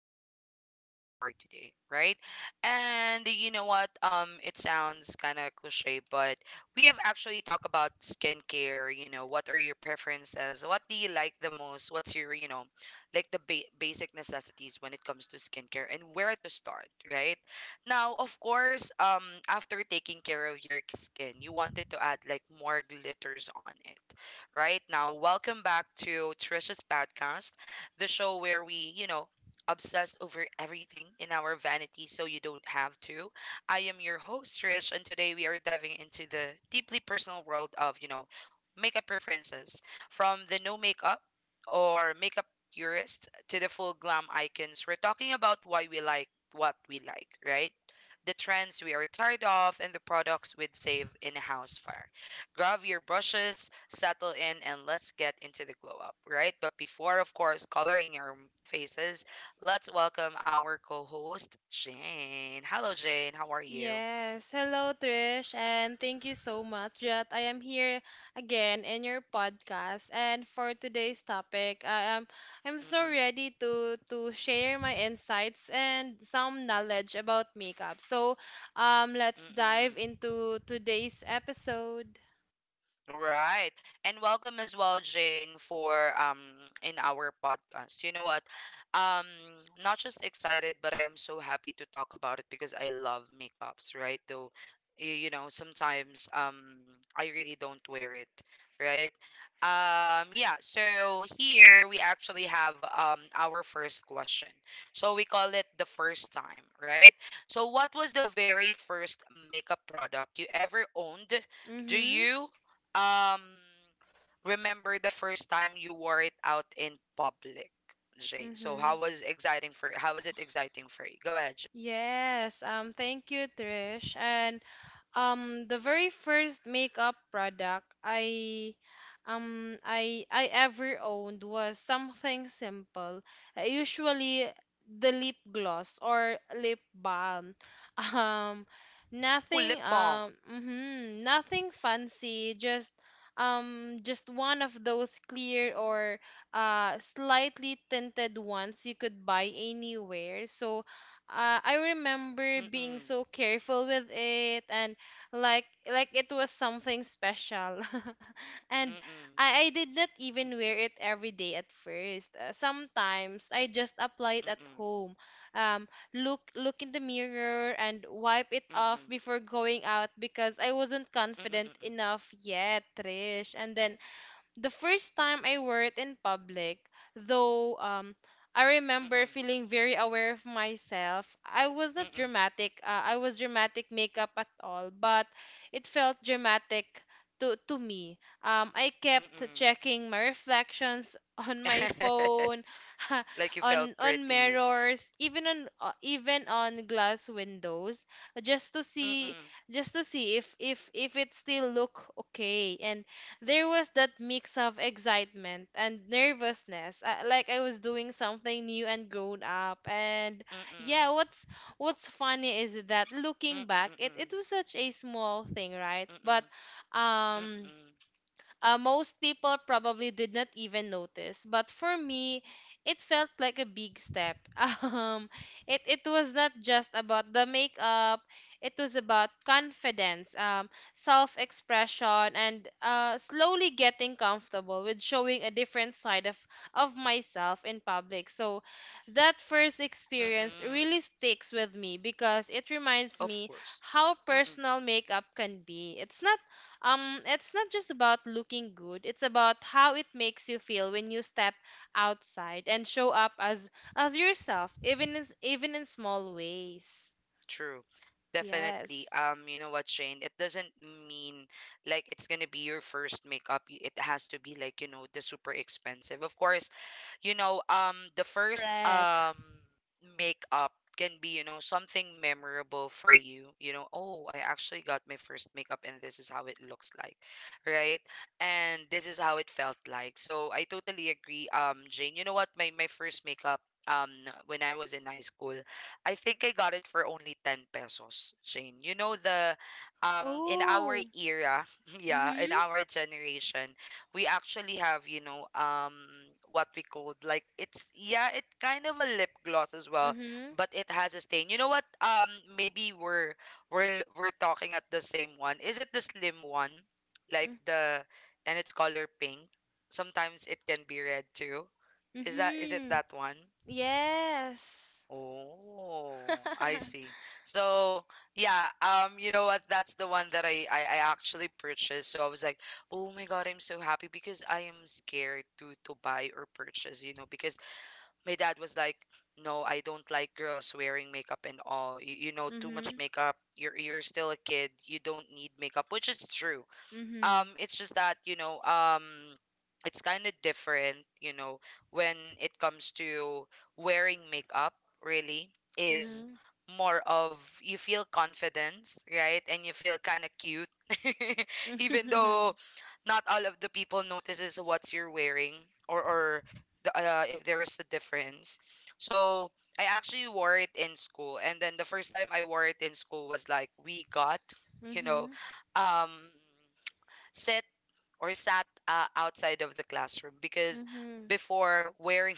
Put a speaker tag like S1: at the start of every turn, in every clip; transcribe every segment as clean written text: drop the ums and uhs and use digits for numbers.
S1: to our podcast for today, right? And you know what? It sounds kind of cliche, but we have actually talked about skincare. You know, what are your preferences? What do you like the most? What's your, like the basic necessities when it comes to skincare and where to start, right? Now, of course, after taking care of your skin, you wanted to add like more glitters on it, right? Now, welcome back to Trisha's podcast, the show where we, obsess over everything in our vanity so you don't have to. I am your host, Trish, and today we are diving into the deeply personal world of, makeup preferences, from the no makeup or makeup purist to the full glam icons. We're talking about why we like what we like, right? The trends we are tired of and the products we'd save in a house fire. Grab your brushes, settle in, and let's get into the glow up, right? But before, of course, coloring your faces, let's welcome our co host, Jane. Hello, Jane. How are you?
S2: Yes. Hello, Trish, and thank you so much that I am here again in your podcast. And for today's topic, I'm so
S1: Mm-mm,
S2: ready to share my insights and some knowledge about makeup. So, let's
S1: mm-mm.
S2: dive into today's episode.
S1: Right. And welcome as well, Jane, for in our podcast. You know what? Um Not just excited, but I am so happy to talk about it because I love makeups, right? Though you know, sometimes I really don't wear it, right? Yeah, so here we actually have our first question. So we call it the first time, right? So what was the very first makeup product you ever owned? Do
S2: Mm-hmm.
S1: you um remember the first time you wore it out in public, Jane? So
S2: Mm-hmm.
S1: how was exciting for how was it exciting for you? Go ahead, Jane.
S2: Yes. Thank you, Trish. And The very first makeup product I ever owned was something simple. Usually the lip gloss or lip balm. Um,
S1: Ooh, lip balm.
S2: Nothing fancy, just one of those clear or slightly tinted ones you could buy anywhere. So I remember being
S1: Mm-mm.
S2: so careful with it and like it was something special, and
S1: Mm-mm.
S2: I did not even wear it every day at first. Sometimes I just apply it at
S1: Mm-mm.
S2: home, um look in the mirror and wipe it
S1: Mm-mm.
S2: off before going out because I wasn't confident
S1: Mm-mm.
S2: enough yet, Trish. And then the first time I wore it in public, though I remember
S1: Mm-mm.
S2: feeling very aware of myself. I was not
S1: Mm-mm.
S2: dramatic. I was dramatic makeup at all, but it felt dramatic to me. I kept
S1: Mm-mm.
S2: checking my reflections on my
S1: Mm-mm.
S2: phone,
S1: Like you
S2: on
S1: felt pretty.
S2: mirrors, even on glass windows, just to see
S1: Mm-mm.
S2: just to see if it still look okay. And there was that mix of excitement and nervousness. Like I was doing something new and grown up. And yeah,
S1: Mm-mm.
S2: what's funny is that looking
S1: Mm-mm.
S2: back, it
S1: Mm-mm.
S2: was such a small thing, right? But
S1: Mm-mm.
S2: um
S1: Mm-mm.
S2: most people probably did not even notice, but for me, it felt like a big step. Um, it was not just about the makeup; it was about confidence, self-expression, and slowly getting comfortable with showing a different side of myself in public. So, that first experience
S1: Mm-mm.
S2: really sticks with me because it reminds
S1: Of
S2: me
S1: course.
S2: how personal makeup can be. It's not just about looking good, it's about how it makes you feel when you step outside and show up as yourself, even in small ways.
S1: True. Definitely.
S2: Yes.
S1: You know what, Shane? It doesn't mean like it's gonna be your first makeup. It has to be like, you know, the super expensive. Of course, you know, the first
S2: Correct.
S1: makeup can be, you know, something memorable for you. You know, oh, I actually got my first makeup and this is how it looks like, right? And this is how it felt like. So I totally agree, Jane. You know what? My first makeup, um when I was in high school, I think I got it for only 10 pesos, Jane. You know, the in our
S2: Oh.
S1: era. Yeah, in
S2: Mhm.
S1: our generation we actually have, you know, what we called, like, it's yeah, it's kind of a lip gloss as well,
S2: Mhm.
S1: but it has a stain. You know what? Maybe we're talking at the same one. Is it the slim one, like
S2: mm-
S1: the and it's color pink? Sometimes it can be red too. Is it
S2: Mhm.
S1: that one?
S2: Yes.
S1: Oh, I see. So yeah, you know what? That's the one that I actually purchased. So I was like, oh my God, I'm so happy because I am scared to buy or purchase, you know, because my dad was like, no, I don't like girls wearing makeup and all. You know, too much
S2: Mhm.
S1: makeup. You're still a kid. You don't need makeup, which is true.
S2: Mhm.
S1: It's just that, you know, it's kind of different, you know, when it comes to wearing makeup. Really is
S2: Mhm.
S1: more of you feel confidence, right? And you feel kind of cute. Even though
S2: Mhm.
S1: not all of the people notices what you're wearing, or the, if there is a difference. So I actually wore it in school, and then the first time I wore it in school was like, we got, you know,
S2: Mhm.
S1: um sit or sat, outside of the classroom because
S2: Mhm.
S1: before wearing,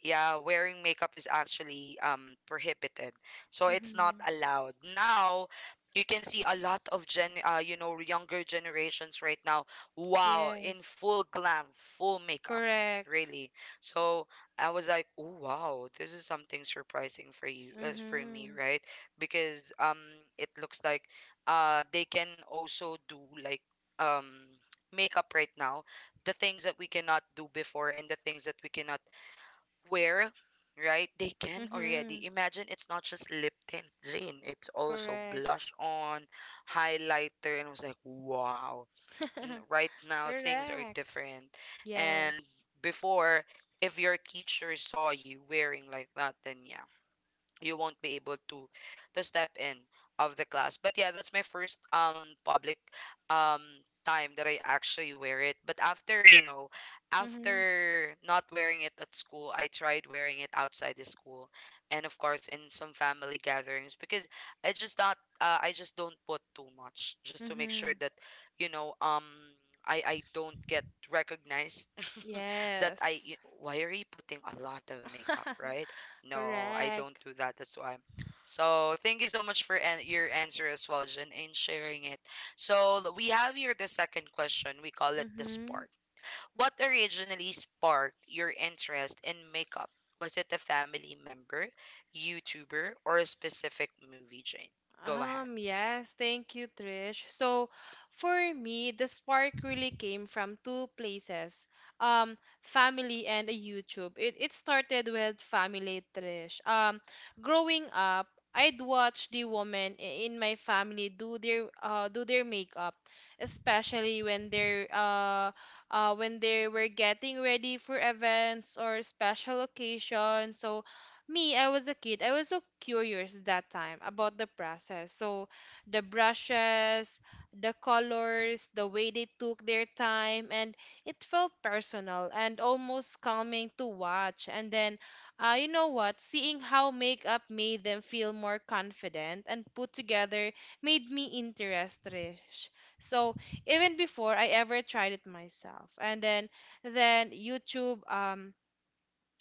S1: yeah, wearing makeup is actually prohibited. So it's not
S2: Mhm.
S1: allowed. Now you can see a lot of gen you know, younger generations right now, wow, in
S2: Yes.
S1: full glam, full makeup,
S2: Correct.
S1: really. So I was like, oh wow, this is something surprising for you as for me,
S2: Mhm.
S1: right? Because it looks like they can also do like um makeup right now, the things that we cannot do before and the things that we cannot where, right? They can already
S2: Mhm.
S1: imagine. It's not just lip tint, Jane, it's also
S2: Correct.
S1: blush on, highlighter. And I was like, wow, right now things are
S2: Correct.
S1: different. And
S2: Yes.
S1: before, if your teacher saw you wearing like that, then yeah, you won't be able to step in of the class. But yeah, that's my first public um time that I actually wear it. But after, you know,
S2: Mm-hmm.
S1: after not wearing it at school, I tried wearing it outside the school, and of course in some family gatherings, because I just don't put too much, just to make sure
S2: Mm-hmm.
S1: that, you know, I don't get recognized, that
S2: Yes.
S1: I, why are you putting a lot of makeup, right? No, I don't
S2: Correct.
S1: do that. That's why. So thank you so much for an your answer as well, Jen, and sharing it. So we have here the second question. We call it the
S2: Mm-hmm.
S1: spark. What originally sparked your interest in makeup? Was it a family member, YouTuber, or a specific movie, Jane? Go ahead.
S2: Yes, thank you, Trish. So, for me, the spark really came from two places, family and a YouTube. It started with family, Trish. Growing up, I'd watch the women in my family do their makeup, especially when they're when they were getting ready for events or special occasions. So, me, I was a kid. I was so curious that time about the process. So, the brushes, the colors, the way they took their time, and it felt personal and almost calming to watch. And then, you know what? Seeing how makeup made them feel more confident and put together made me interested. So, even before I ever tried it myself. And then YouTube,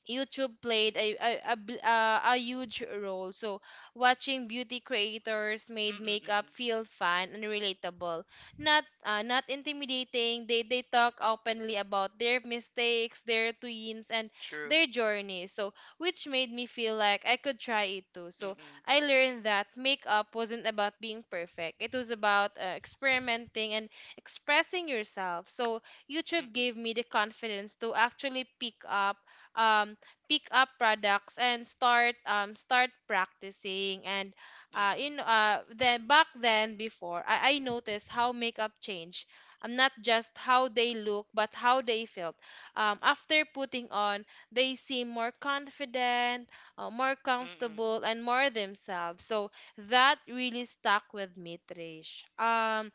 S2: YouTube played a huge role. So, watching beauty creators made makeup
S1: Mm-mm-mm-mm.
S2: feel fun and relatable, not not intimidating. They talk openly about their mistakes, their twins, and
S1: True.
S2: their journeys. So, which made me feel like I could try it too. So,
S1: Mm-mm.
S2: I learned that makeup wasn't about being perfect. It was about experimenting and expressing yourself. So, YouTube
S1: Mm-mm.
S2: gave me the confidence to actually pick up um products and start start practicing. And
S1: Mm-mm.
S2: then back then before, I noticed how makeup changed, not just how they look but how they felt after putting on. They seem more confident, more
S1: Mm-mm.
S2: comfortable, and more themselves. So that really stuck with me, Trish. um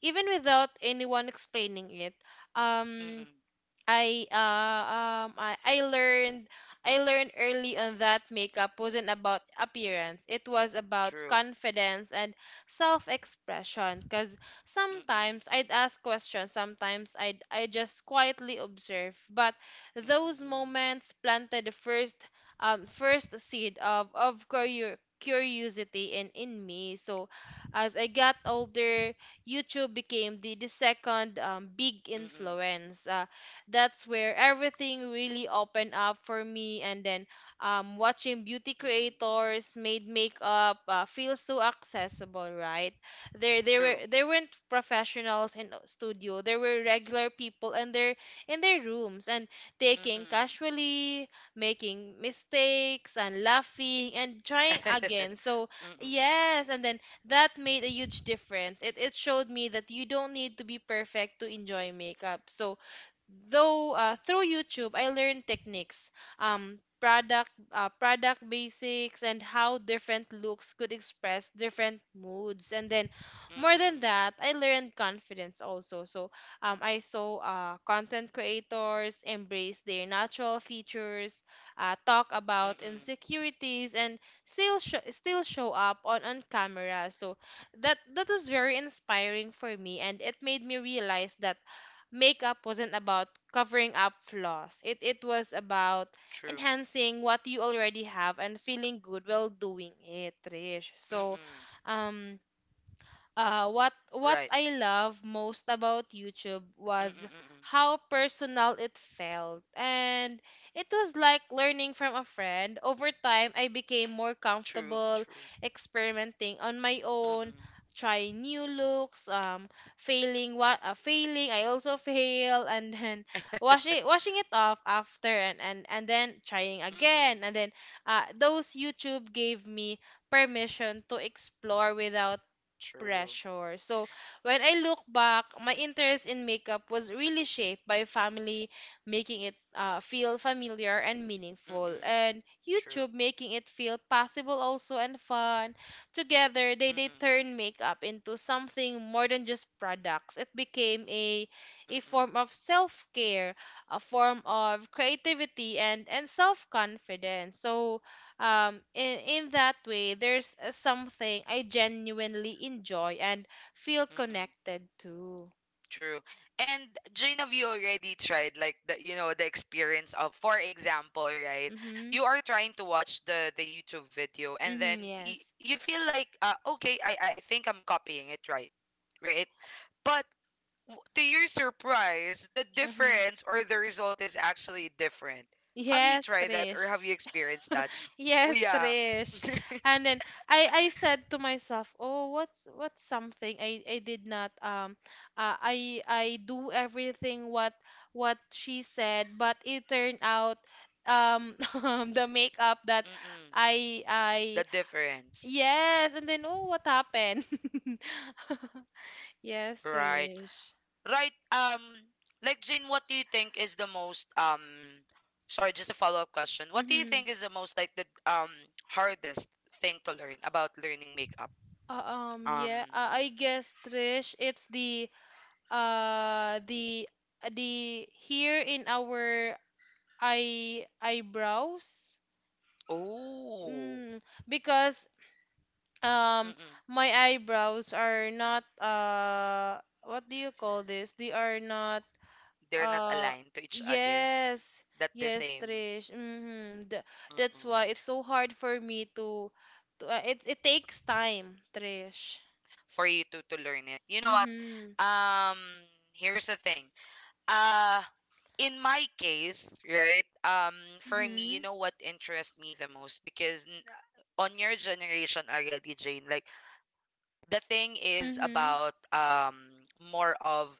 S2: even without anyone explaining it, um
S1: Mm-mm.
S2: I uh um I, I learned I learned early on that makeup wasn't about appearance. It was about
S1: True.
S2: confidence and self-expression. Cause
S1: Mm-mm.
S2: sometimes I'd ask questions, sometimes I just quietly observe. But those
S1: Mm-mm.
S2: moments planted the first first seed of curiosity in me. So as I got older, YouTube became the second, big
S1: Mm-mm.
S2: influence. That's where everything really opened up for me. And then, watching beauty
S1: Mm-mm.
S2: creators made makeup feel so accessible, right? There, there were
S1: True.
S2: there weren't professionals in a studio. There were regular people, and they're in their rooms and taking
S1: Mm-mm.
S2: casually, making mistakes and laughing and trying again. So
S1: Mm-mm.
S2: yes, and then that made a huge difference. It showed me that you don't need to be perfect to enjoy makeup. So though through YouTube, I learned techniques, product basics, and how different looks could express different moods. And then, more
S1: Mm-mm.
S2: than that, I learned confidence also. So I saw content creators embrace their natural features, talk about
S1: Mm-mm.
S2: insecurities, and still show up on camera. So that that was very inspiring for me, and it made me realize that makeup wasn't about covering up flaws. It was about
S1: True.
S2: enhancing what you already have and feeling good while doing it, Trish. So,
S1: Mm-mm.
S2: um, what
S1: Right.
S2: I love most about YouTube
S1: Mm-mm.
S2: was
S1: Mm-mm.
S2: how personal it felt. And it was like learning from a friend. Over time, I became more
S1: True.
S2: comfortable
S1: True.
S2: experimenting on my own,
S1: Mm-mm.
S2: trying new looks, failing, I also fail, and then washing it off after and then trying
S1: Mm-mm.
S2: again. And then those YouTube gave me permission to explore without
S1: True.
S2: pressure. So when I look back, my interest in makeup was really shaped by family, making it feel familiar and meaningful,
S1: Mm-mm.
S2: and
S1: True.
S2: YouTube, making it feel possible also and fun. Together, they
S1: Mm-mm.
S2: turned makeup into something more than just products. It became a
S1: Mm-mm.
S2: form of self care, a form of creativity, and self confidence. So in that way there's something I genuinely enjoy and feel
S1: Mm-mm.
S2: connected to.
S1: True. And Jane, have you already tried, like, the you know, the experience of, for example, right?
S2: Mhm.
S1: You are trying to watch the YouTube video, and then
S2: Mhm. Yes.
S1: you feel like, okay, I think I'm copying it right, right? But to your surprise, the
S2: Mhm.
S1: difference or the result is actually different. Have you
S2: Yes,
S1: tried that or
S2: Trish.
S1: have you experienced that? Oh,
S2: Yes,
S1: yeah.
S2: Trish. And then I said to myself, oh, what's something I did not I do everything what she said, but it turned out, um the makeup that
S1: Mm-mm.
S2: i
S1: The
S2: i
S1: difference.
S2: Yes, and then, oh, what happened? Yes,
S1: Right.
S2: Trish.
S1: Right. Like Jane, what do you think is the most sorry, just a follow-up question. What do you
S2: Mm-hmm.
S1: think is the most, like, the hardest thing to learn about learning makeup?
S2: Yeah,
S1: Um,
S2: I guess, Trish, it's uh the the here in our eyebrows.
S1: oh.
S2: Mm, because um
S1: Mm-mm.
S2: my eyebrows are not, what do you call this? They are not.
S1: They're not
S2: Uh,
S1: aligned to each other.
S2: yes,
S1: That the
S2: yes,
S1: same.
S2: Trish. Mm-hmm. Th That's
S1: Mm-mm.
S2: why it's so hard for me to, it it takes time, Trish.
S1: For you to learn it. You know what?
S2: Mm-hmm.
S1: Um, here's the thing. Uh, in my case, right? For me, you
S2: Mm-hmm.
S1: know what interests me the most, because on your generation already, Jane, like, the thing is
S2: Mm-hmm.
S1: about more of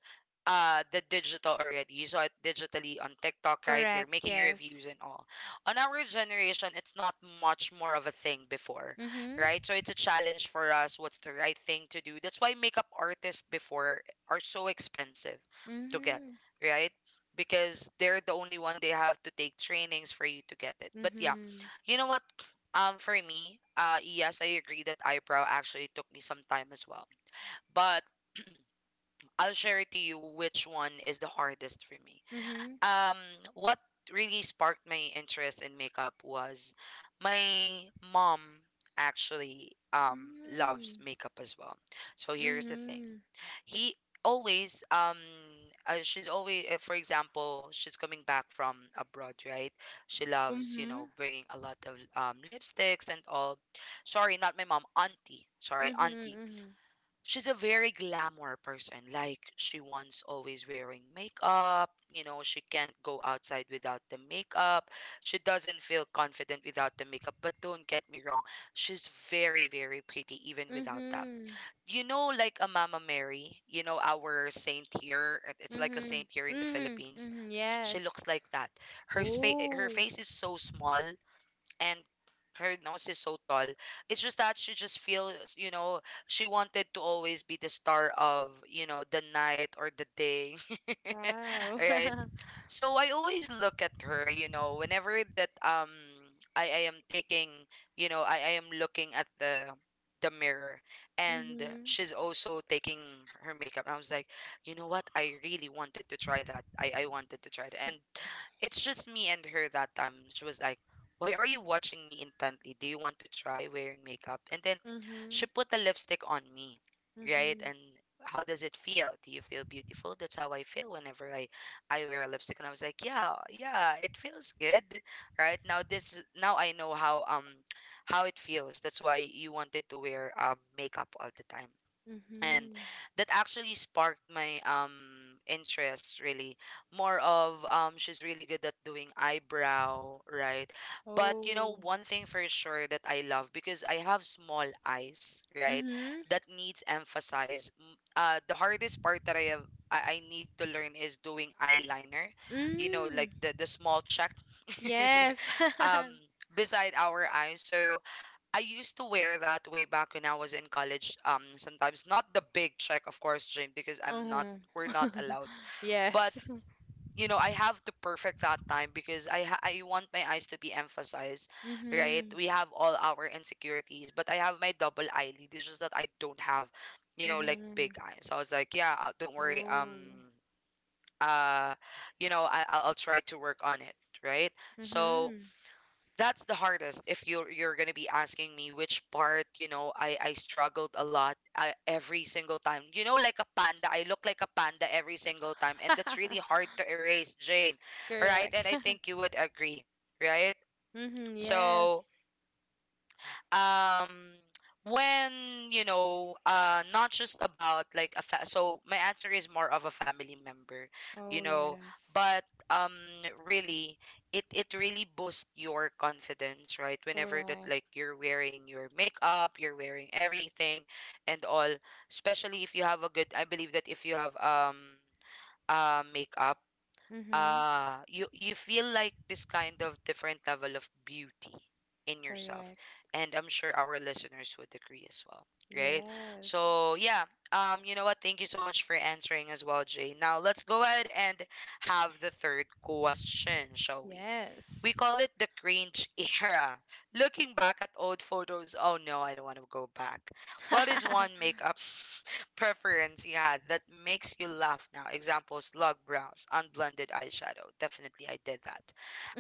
S1: the digital already. You saw it digitally on TikTok, right? They're
S2: Correct.
S1: making
S2: Yes.
S1: reviews and all. On our generation, it's not much more of a thing before,
S2: Mm-hmm.
S1: right? So it's a challenge for us. What's the right thing to do? That's why makeup artists before are so expensive to get,
S2: Mm-hmm.
S1: right? Because they're the only one, they have to take trainings for you to get it. But yeah,
S2: Mm-hmm.
S1: you know what? For me, yes, I agree that eyebrow actually took me some time as well. But I'll share it to you which one is the hardest for me.
S2: Mm-hmm.
S1: Um, what really sparked my interest in makeup was my mom, actually. Loves makeup as well. So here's the thing.
S2: Mm-hmm.
S1: He always she's always, for example, she's coming back from abroad, right? She
S2: Mm-hmm.
S1: loves, you
S2: Mm-hmm.
S1: know, bringing a lot of, lipsticks and all. Sorry, not my mom, auntie, sorry, auntie.
S2: Mm-hmm.
S1: She's a very glamour person. Like, she wants always wearing makeup. You know, she can't go outside without the makeup. She doesn't feel confident without the makeup. But don't get me wrong, she's very, very pretty even
S2: Mm-hmm.
S1: without that.
S2: Mm-hmm.
S1: You know, like a Mama Mary, you know, our saint here, it's like a
S2: Mm-hmm.
S1: saint here in the Philippines.
S2: Mm-hmm.
S1: She
S2: Yes.
S1: looks like that. Her, her
S2: Oh,
S1: face is so small, and her nose is so tall. It's just that she just feels, you know, she wanted to always be the star of, you know, the night or the day.
S2: wow.
S1: Right? So I always look at her, you know, whenever that I am taking, you know, I am looking at the mirror, and
S2: Mm-hmm.
S1: she's also taking her makeup. I was like, you know what? I really wanted to try that. I wanted to try that. And it's just me and her that time. She was like, why are you watching me intently? Do you want to try wearing makeup? And then she
S2: Mm-hmm.
S1: put the lipstick on me, right?
S2: Mhm.
S1: And, how does it feel? Do you feel beautiful? That's how I feel whenever I wear a lipstick. And I was like, yeah, yeah, it feels good. Right? Now this is- now I know how it feels. That's why you wanted to wear makeup all the time, and
S2: Mhm.
S1: that actually sparked my interest. Really, more of she's really good at doing eyebrow, right? But you know,
S2: Oh.
S1: one thing for sure that I love, because I have small eyes, right,
S2: Mhm.
S1: that needs emphasize, the hardest part that I have, I need to learn, is doing eyeliner, you know, like
S2: Mm.
S1: the small check,
S2: Yes.
S1: um, beside our eyes. So, I used to wear that way back when I was in college. Sometimes not the big check, of course, Jane, because I'm not.
S2: Mhm.
S1: We're not allowed. But
S2: Yes.
S1: you know, I have to perfect that time because I want my eyes to be emphasized, right?
S2: Mhm.
S1: We have all our insecurities, but I have my double eyelid. It's just that I don't have, you know, like big
S2: Mhm.
S1: eyes. So I was like, yeah, don't worry.
S2: Oh.
S1: Uh, you know, I'll try to work on it, right? So
S2: Mhm.
S1: that's the hardest. If you're gonna be asking me which part, you know, I struggled a lot. I, every single time, you know, like a panda, I look like a panda every single time, and that's really hard to erase, Jane, right? And
S2: Correct.
S1: I think you would agree, right?
S2: Mhm.
S1: So,
S2: Yes.
S1: um when, you know, not just about like so my answer is more of a family member, you
S2: Oh,
S1: know.
S2: yes.
S1: But, um really, it really boosts your confidence, right, whenever that,
S2: Correct.
S1: like, you're wearing your makeup, you're wearing everything and all, especially if you have a good, I believe that if you have makeup,
S2: Mhm.
S1: you feel like this kind of different level of beauty in yourself.
S2: Correct.
S1: And I'm sure our listeners would agree as well, right?
S2: Yes.
S1: So yeah. You know what, thank you so much for answering as well, Jay. Now let's go ahead and have the third question, shall we? We
S2: Yes.
S1: call it the cringe era. Looking back at old photos, oh no, I don't want to go back. What is one makeup preference you had that makes you laugh now? Examples: log brows, unblended eyeshadow. Definitely, I did that.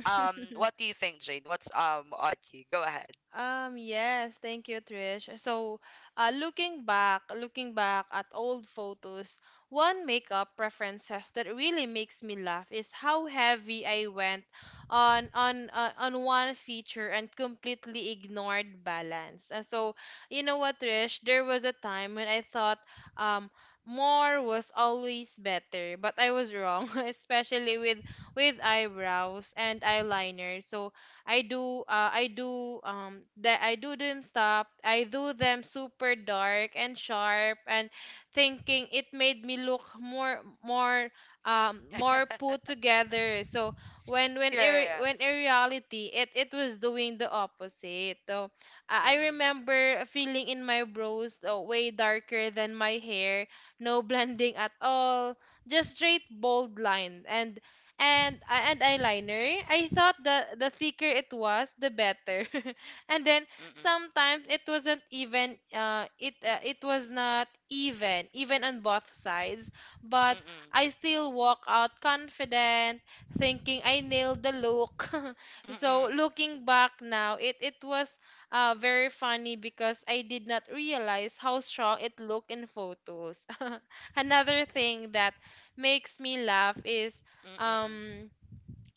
S1: What do you think, Jane? What's Audrey? Go ahead.
S2: Yes, thank you, Trish. So, looking back at old photos, one makeup preferences that really makes me laugh is how heavy I went on one feature and completely ignored balance. And so, you know what, Trish? There was a time when I thought, um, more was always better, but I was wrong, especially with eyebrows and eyeliner. So, I do them stop. I do them super dark and sharp and thinking it made me look more put
S1: Yeah.
S2: together. So when when
S1: Yeah,
S2: ir-
S1: yeah.
S2: when in reality it was doing the opposite. So I
S1: Mm-mm.
S2: remember feeling in my brows, way darker than my hair, no blending at all, just straight bold line, and and eyeliner. I thought the thicker it was, the better. And then
S1: Mm-mm.
S2: sometimes it wasn't even, it was not even on both sides, but
S1: Mm-mm.
S2: I still walk out confident, thinking I nailed the look.
S1: Mm-mm.
S2: So looking back now, it was very funny because I did not realize how strong it looked in photos. Another thing that makes me laugh is
S1: Mm-mm.
S2: um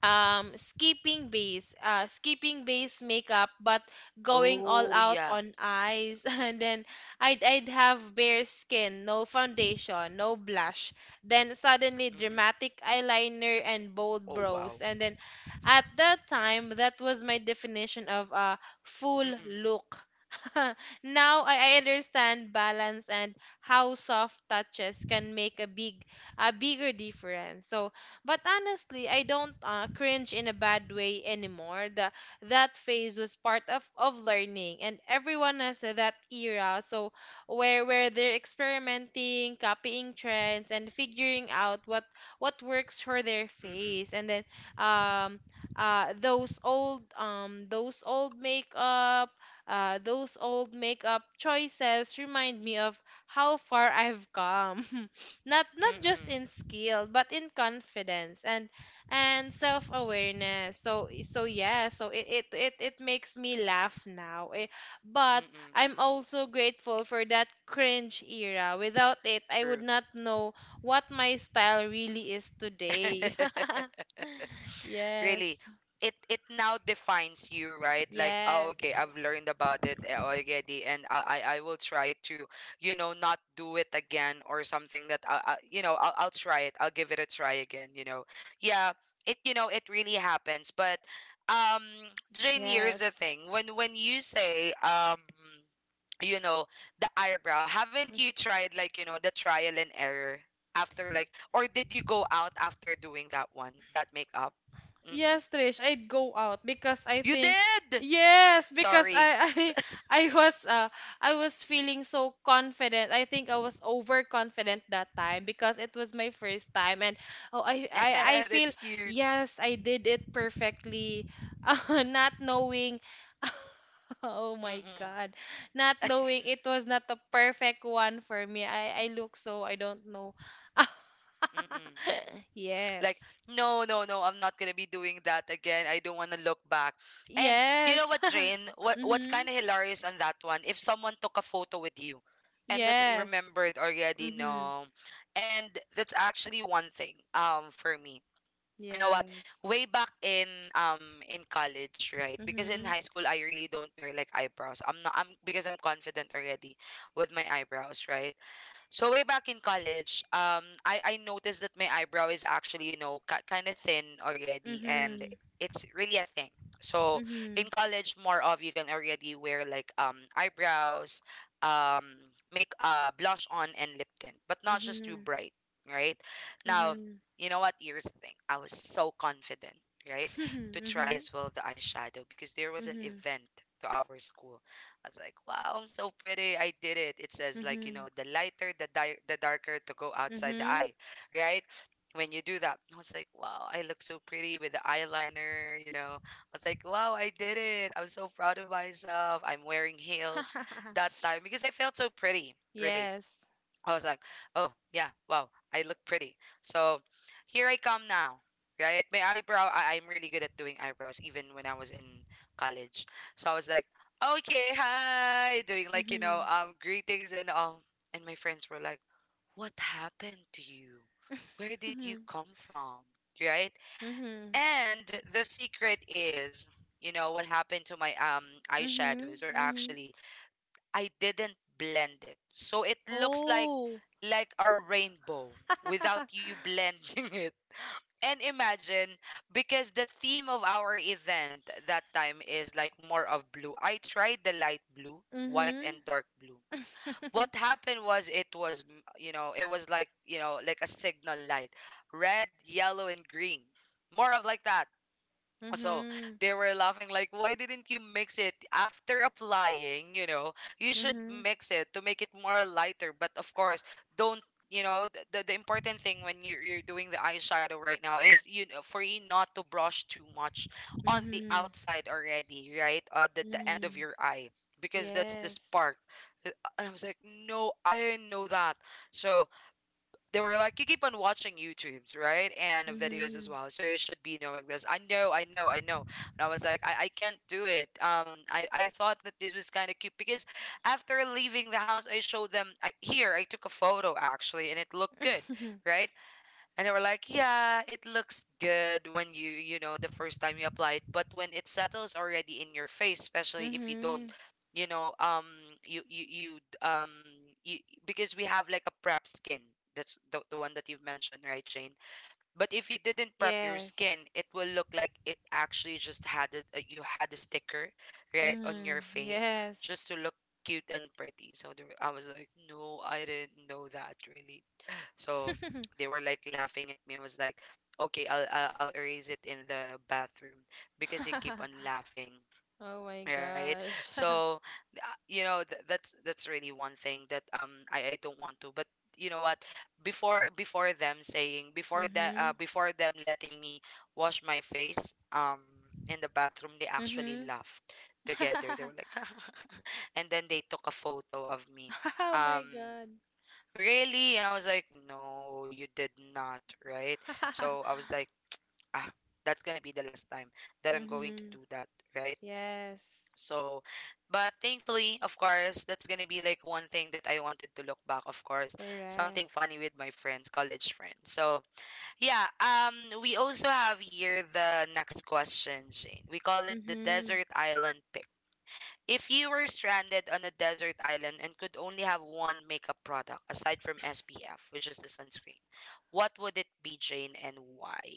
S2: skipping base makeup but going all
S1: Oh
S2: out
S1: yeah.
S2: on eyes. And then I'd have bare skin, no foundation, no blush, then suddenly
S1: Mm-mm.
S2: dramatic eyeliner and bold
S1: Oh wow.
S2: brows. And then at that time that was my definition of a full
S1: Mm-mm.
S2: look. Now I understand balance and how soft touches can make a bigger difference. So but honestly, I don't, cringe in a bad way anymore. That phase was part of learning, and everyone has that era. So where they're experimenting, copying trends, and figuring out what works for their
S1: Mm-mm.
S2: face, and then um uh those old um those old makeup those old makeup choices remind me of how far I've come. Not just
S1: Mm-mm.
S2: in skill but in confidence and self-awareness, so yeah, so it makes me laugh now. Eh, but
S1: Mm-mm.
S2: I'm also grateful for that cringe era. Without it I would
S1: True.
S2: not know what my style really is today.
S1: Really,
S2: Yes.
S1: it now defines you, right? Like, oh
S2: Yes,
S1: okay,
S2: correct.
S1: I've learned about it already. And I I will try to, you know, not do it again, or something that, I, you know, I'll try it. I'll give it a try again, you know. Yeah, it, you know, it really happens. But, um Jane, here's the
S2: Yes.
S1: thing. When you say, you know, the eyebrow, haven't you tried, like, you know, the trial and error after,
S2: Mm.
S1: like, or did you go out after doing that one, that makeup?
S2: Yes,
S1: Mm-mm.
S2: Trish, I'd go out because I
S1: You
S2: think
S1: did.
S2: yes, because
S1: Sorry.
S2: I I I was uh I was feeling so confident. I think I was overconfident that time because it was my first time and oh I feel
S1: That's cute.
S2: yes, I did it perfectly. Not knowing. Oh my
S1: Mm-mm.
S2: God. Not knowing it was not the perfect one for me. I look so I don't know.
S1: Mm-mm. Like,
S2: Yes.
S1: no, no, no, I'm not gonna be doing that again. I don't wanna look back. And you know
S2: Yes.
S1: what, Jane? What's
S2: Mm-hmm.
S1: kinda hilarious on that one, if someone took a photo with you and that's
S2: Yes.
S1: remembered already,
S2: Mm-hmm.
S1: no. And that's actually one thing, for me. You know what,
S2: Yes.
S1: way back in, um college, right? Because in
S2: Mm-hmm.
S1: high school I really don't wear like eyebrows, I'm not, I'm because I'm confident already with my eyebrows, right? So way back in college, I noticed that my eyebrow is actually, you know, ki kind of thin already, and
S2: Mm-hmm.
S1: it's really a thing. So
S2: Mm-hmm.
S1: in college, more of you can already wear like eyebrows, um, make, blush on and lip tint, but not just too bright, right?
S2: Mm-hmm.
S1: Now,
S2: Mm-hmm.
S1: you know what? Here's the thing. I was so confident, right, to try
S2: Mm-hmm.
S1: as well the eyeshadow, because there was an
S2: Mm-hmm.
S1: event to our school. I was like, wow, I'm so pretty. I did it. It says like, you
S2: Mm-hmm.
S1: know, the lighter, the darker to go outside the
S2: Mm-hmm.
S1: eye, right? When you do that, I was like, wow, I look so pretty with the eyeliner, you know. I was like, wow, I did it. I was so proud of myself. I'm wearing heels that time because I felt so pretty, really.
S2: Yes.
S1: I was like, oh, yeah, wow, I look pretty. So here I come now, right? My eyebrow, I'm really good at doing eyebrows even when I was in college. So I was like, okay, hi, doing like, you
S2: Mm-hmm.
S1: know, greetings and all. And my friends were like, what happened to you? Where did you
S2: Mm-hmm.
S1: come from? Right?
S2: Mm-hmm.
S1: And the secret is, you know, what happened to my
S2: Mm-hmm.
S1: eyeshadows, or
S2: Mm-hmm.
S1: actually, I didn't blend it. So it looks like
S2: Oh.
S1: a rainbow without you blending it. And imagine, because the theme of our event that time is like more of blue. I tried the light blue, white
S2: Mm-hmm.
S1: and dark blue. What happened was it was, you know, it was like, you know, like a signal light. Red, yellow and green. More of like that. So
S2: Mm-hmm.
S1: they were laughing like, why didn't you mix it after applying? You know, you should
S2: Mm-hmm.
S1: mix it to make it more lighter. But of course, don't, you know, the important thing when you're doing the eyeshadow right now is, you know, for you not to brush too much on the
S2: Mm-hmm.
S1: outside already, right, the end of
S2: Mm-hmm.
S1: your eye, because that's the
S2: Yes.
S1: spark. Uh, and I was like, no, I didn't know that. So they were like, you keep on watching YouTubes, right? And videos as
S2: Mm-hmm.
S1: well. So you should be knowing this. I know, I know, I know. And I was like, I can't do it. I thought that this was kind of cute because after leaving the house, I showed them, I, here, I took a photo actually, and it looked good, right? And they were like, yeah, it looks good when you know, the first time you apply it, but when it settles already in your face, especially if you
S2: Mm-hmm.
S1: don't, you know, you, you, you, um, you, because we have like a prep skin. That's the one that you've mentioned, right, Jane? But if you didn't prep your
S2: Yes.
S1: skin, it will look like it actually just had it, you had a sticker, right, on
S2: Mm,
S1: your face,
S2: yes.
S1: just to look cute and pretty. So there, I was like, no, I didn't know that, really. So they were like laughing at me and was like, "Okay, I'll erase it in the bathroom because you keep on laughing,
S2: Oh my
S1: right?"
S2: gosh.
S1: So, you know, that's really one thing that, I don't want to. But you know what, before them saying, before that,
S2: Mm-hmm.
S1: before them letting me wash my face in the bathroom, they actually
S2: Mm-hmm.
S1: laughed together. They were like and then they took a photo of me,
S2: Oh
S1: um
S2: my God.
S1: really? I was like, no, you did not, right? So I was like, ah, that's gonna be the last time that I'm going to
S2: Mm-hmm.
S1: do that, right?
S2: Yes.
S1: So, but thankfully, of course, that's gonna be like one thing that I wanted to look back, of course,
S2: Correct.
S1: something funny with my friends, college friends. So, yeah, we also have here the next question, Jane. We call it the
S2: Mm-hmm.
S1: desert island pic. If you were stranded on a desert island and could only have one makeup product aside from SPF, which is the sunscreen, what would it be, Jane, and why?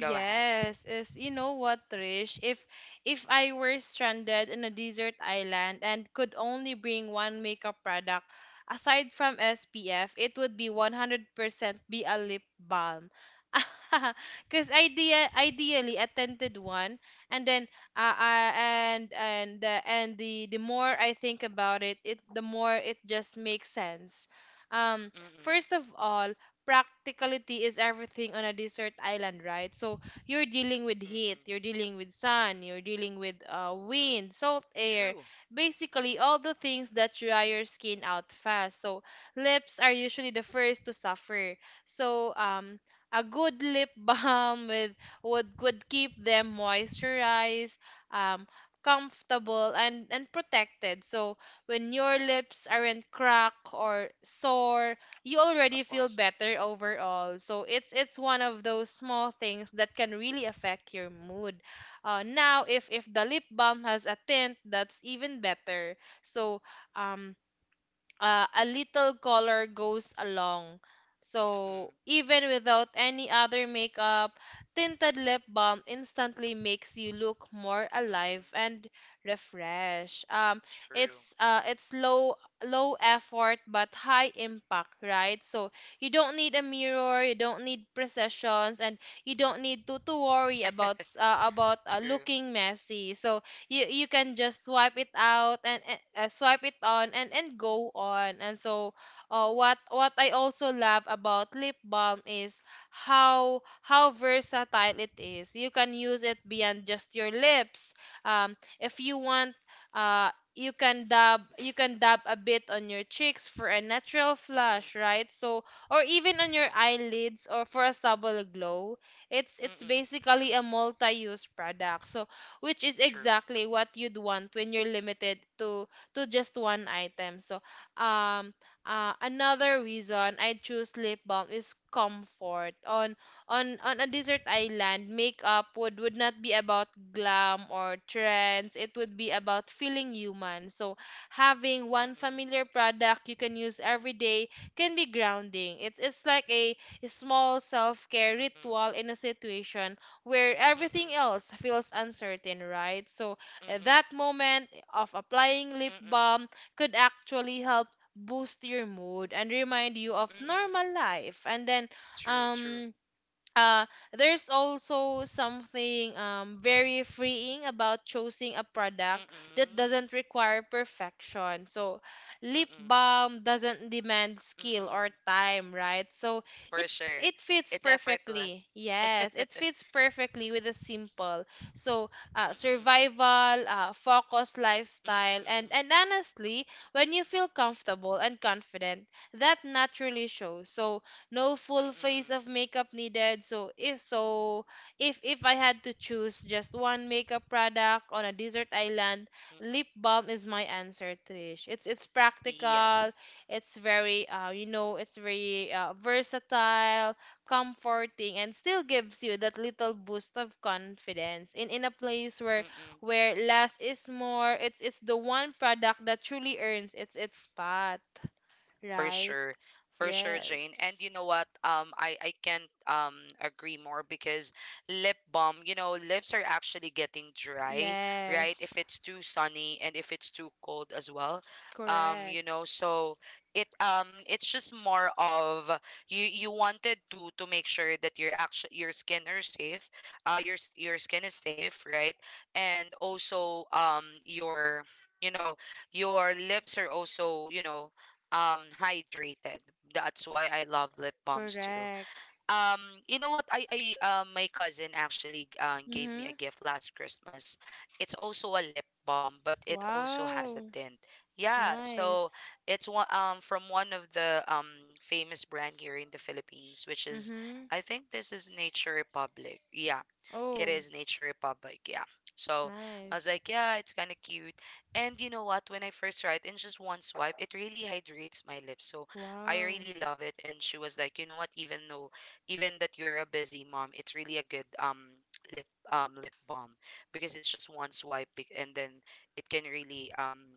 S1: Go ahead.
S2: is you know what, Trish? If I were stranded in a desert island and could only bring one makeup product aside from SPF, it would be 100% be a lip balm. Cuz ideally a tinted one, and then and the more I think about it, the more it just makes sense. Um,
S1: Mm-mm.
S2: First of all, practicality is everything on a desert island, right? So you're dealing with heat, you're
S1: Mm-mm.
S2: dealing with sun, you're dealing with wind, salt air,
S1: True,
S2: basically all the things that dry your skin out fast. So lips are usually the first to suffer. So a good lip balm with would keep them moisturized, um, comfortable and protected. So when your lips aren't cracked or sore, you already
S1: of
S2: feel
S1: course.
S2: better overall. So it's one of those small things that can really affect your mood. Now, if the lip balm has a tint, that's even better. So um, a little color goes along. So
S1: Mm-mm.
S2: even without any other makeup, tinted lip balm instantly makes you look more alive
S1: Mm-mm.
S2: and refreshed.
S1: True.
S2: It's low low effort but high impact, right? So you don't need a mirror, you don't need precessions, and you don't need to worry about
S1: True.
S2: looking messy. So you can just swipe it on and go on. And so what I also love about lip balm is how versatile it is. You can use it beyond just your lips. If you want uh you can dab, you can dab a bit on your cheeks for a natural flush,
S1: Mm-mm.
S2: right? So or even on your eyelids or for a subtle glow. It's
S1: Mm-mm.
S2: basically a multi-use product, so which is
S1: True.
S2: exactly what you'd want when you're limited to just one item. Um, Another reason I choose lip balm is comfort. On a desert island, makeup would not be about glam or trends. It would be about feeling human. So having one
S1: Mm-mm.
S2: familiar product you can use every day can be grounding. It's like a small self-care
S1: Mm-mm.
S2: ritual in a situation where everything
S1: Mm-mm.
S2: else feels uncertain, right? So that
S1: Mm-mm.
S2: moment of applying lip
S1: Mm-mm.
S2: balm could actually help boost your mood and remind you of normal
S1: Mm-mm.
S2: life. And then,
S1: True.
S2: um,
S1: True.
S2: uh, there's also something very freeing about choosing a product that
S1: Mm-mm.
S2: doesn't require perfection. So lip
S1: Mm-mm.
S2: balm doesn't demand skill or
S1: Mm-mm.
S2: time, right? So it
S1: For
S2: it
S1: sure.
S2: fits
S1: It's
S2: perfectly.
S1: effortless.
S2: Yes, it fits perfectly with a simple. So
S1: Mm-mm.
S2: survival, focus lifestyle,
S1: Mm-mm, mm-mm,
S2: and honestly, when you feel comfortable and confident, that naturally shows. So no full
S1: mm-mm,
S2: face of makeup needed. If I had to choose just one makeup product on a desert island, lip
S1: mm-mm.
S2: balm is my answer, Trish. It's practical,
S1: Yes.
S2: it's very versatile, comforting, and still gives you that little boost of confidence in a place
S1: Mm-mm.
S2: where less is more. It's the one product that truly earns its spot,
S1: For
S2: right?
S1: sure, for sure, Jane. And
S2: Yes.
S1: you know what, I can't, agree more. Because lip balm, you know, lips are actually getting dry, right, if
S2: Yes,
S1: it's too sunny and if it's too cold as well.
S2: correct,
S1: You know, so it, it's just more of, you wanted to make sure that your actual, your skin are safe, your skin is safe, right? And also, your, you know, your lips are also, you know, hydrated. That's why I love lip balms too.
S2: correct.
S1: Um, you know what? I my cousin actually gave me
S2: Mm-hmm.
S1: a gift last Christmas. It's also a lip balm, but it also has a
S2: Wow,
S1: tint. Yeah, so
S2: nice.
S1: it's one, from one of the, famous brand here in the Philippines, which is,
S2: Mm-hmm.
S1: I think, this is Nature Republic. Yeah, it
S2: Oh,
S1: is Nature Republic. Yeah. So I was
S2: nice.
S1: like, yeah, it's kind of cute. And you know what? When I first tried, in just one swipe, it really hydrates my lips. So I
S2: Wow.
S1: really love it. And she was like, you know what? Even though even that you're a busy mom, it's really a good lip lip balm because it's just one swipe and then it can really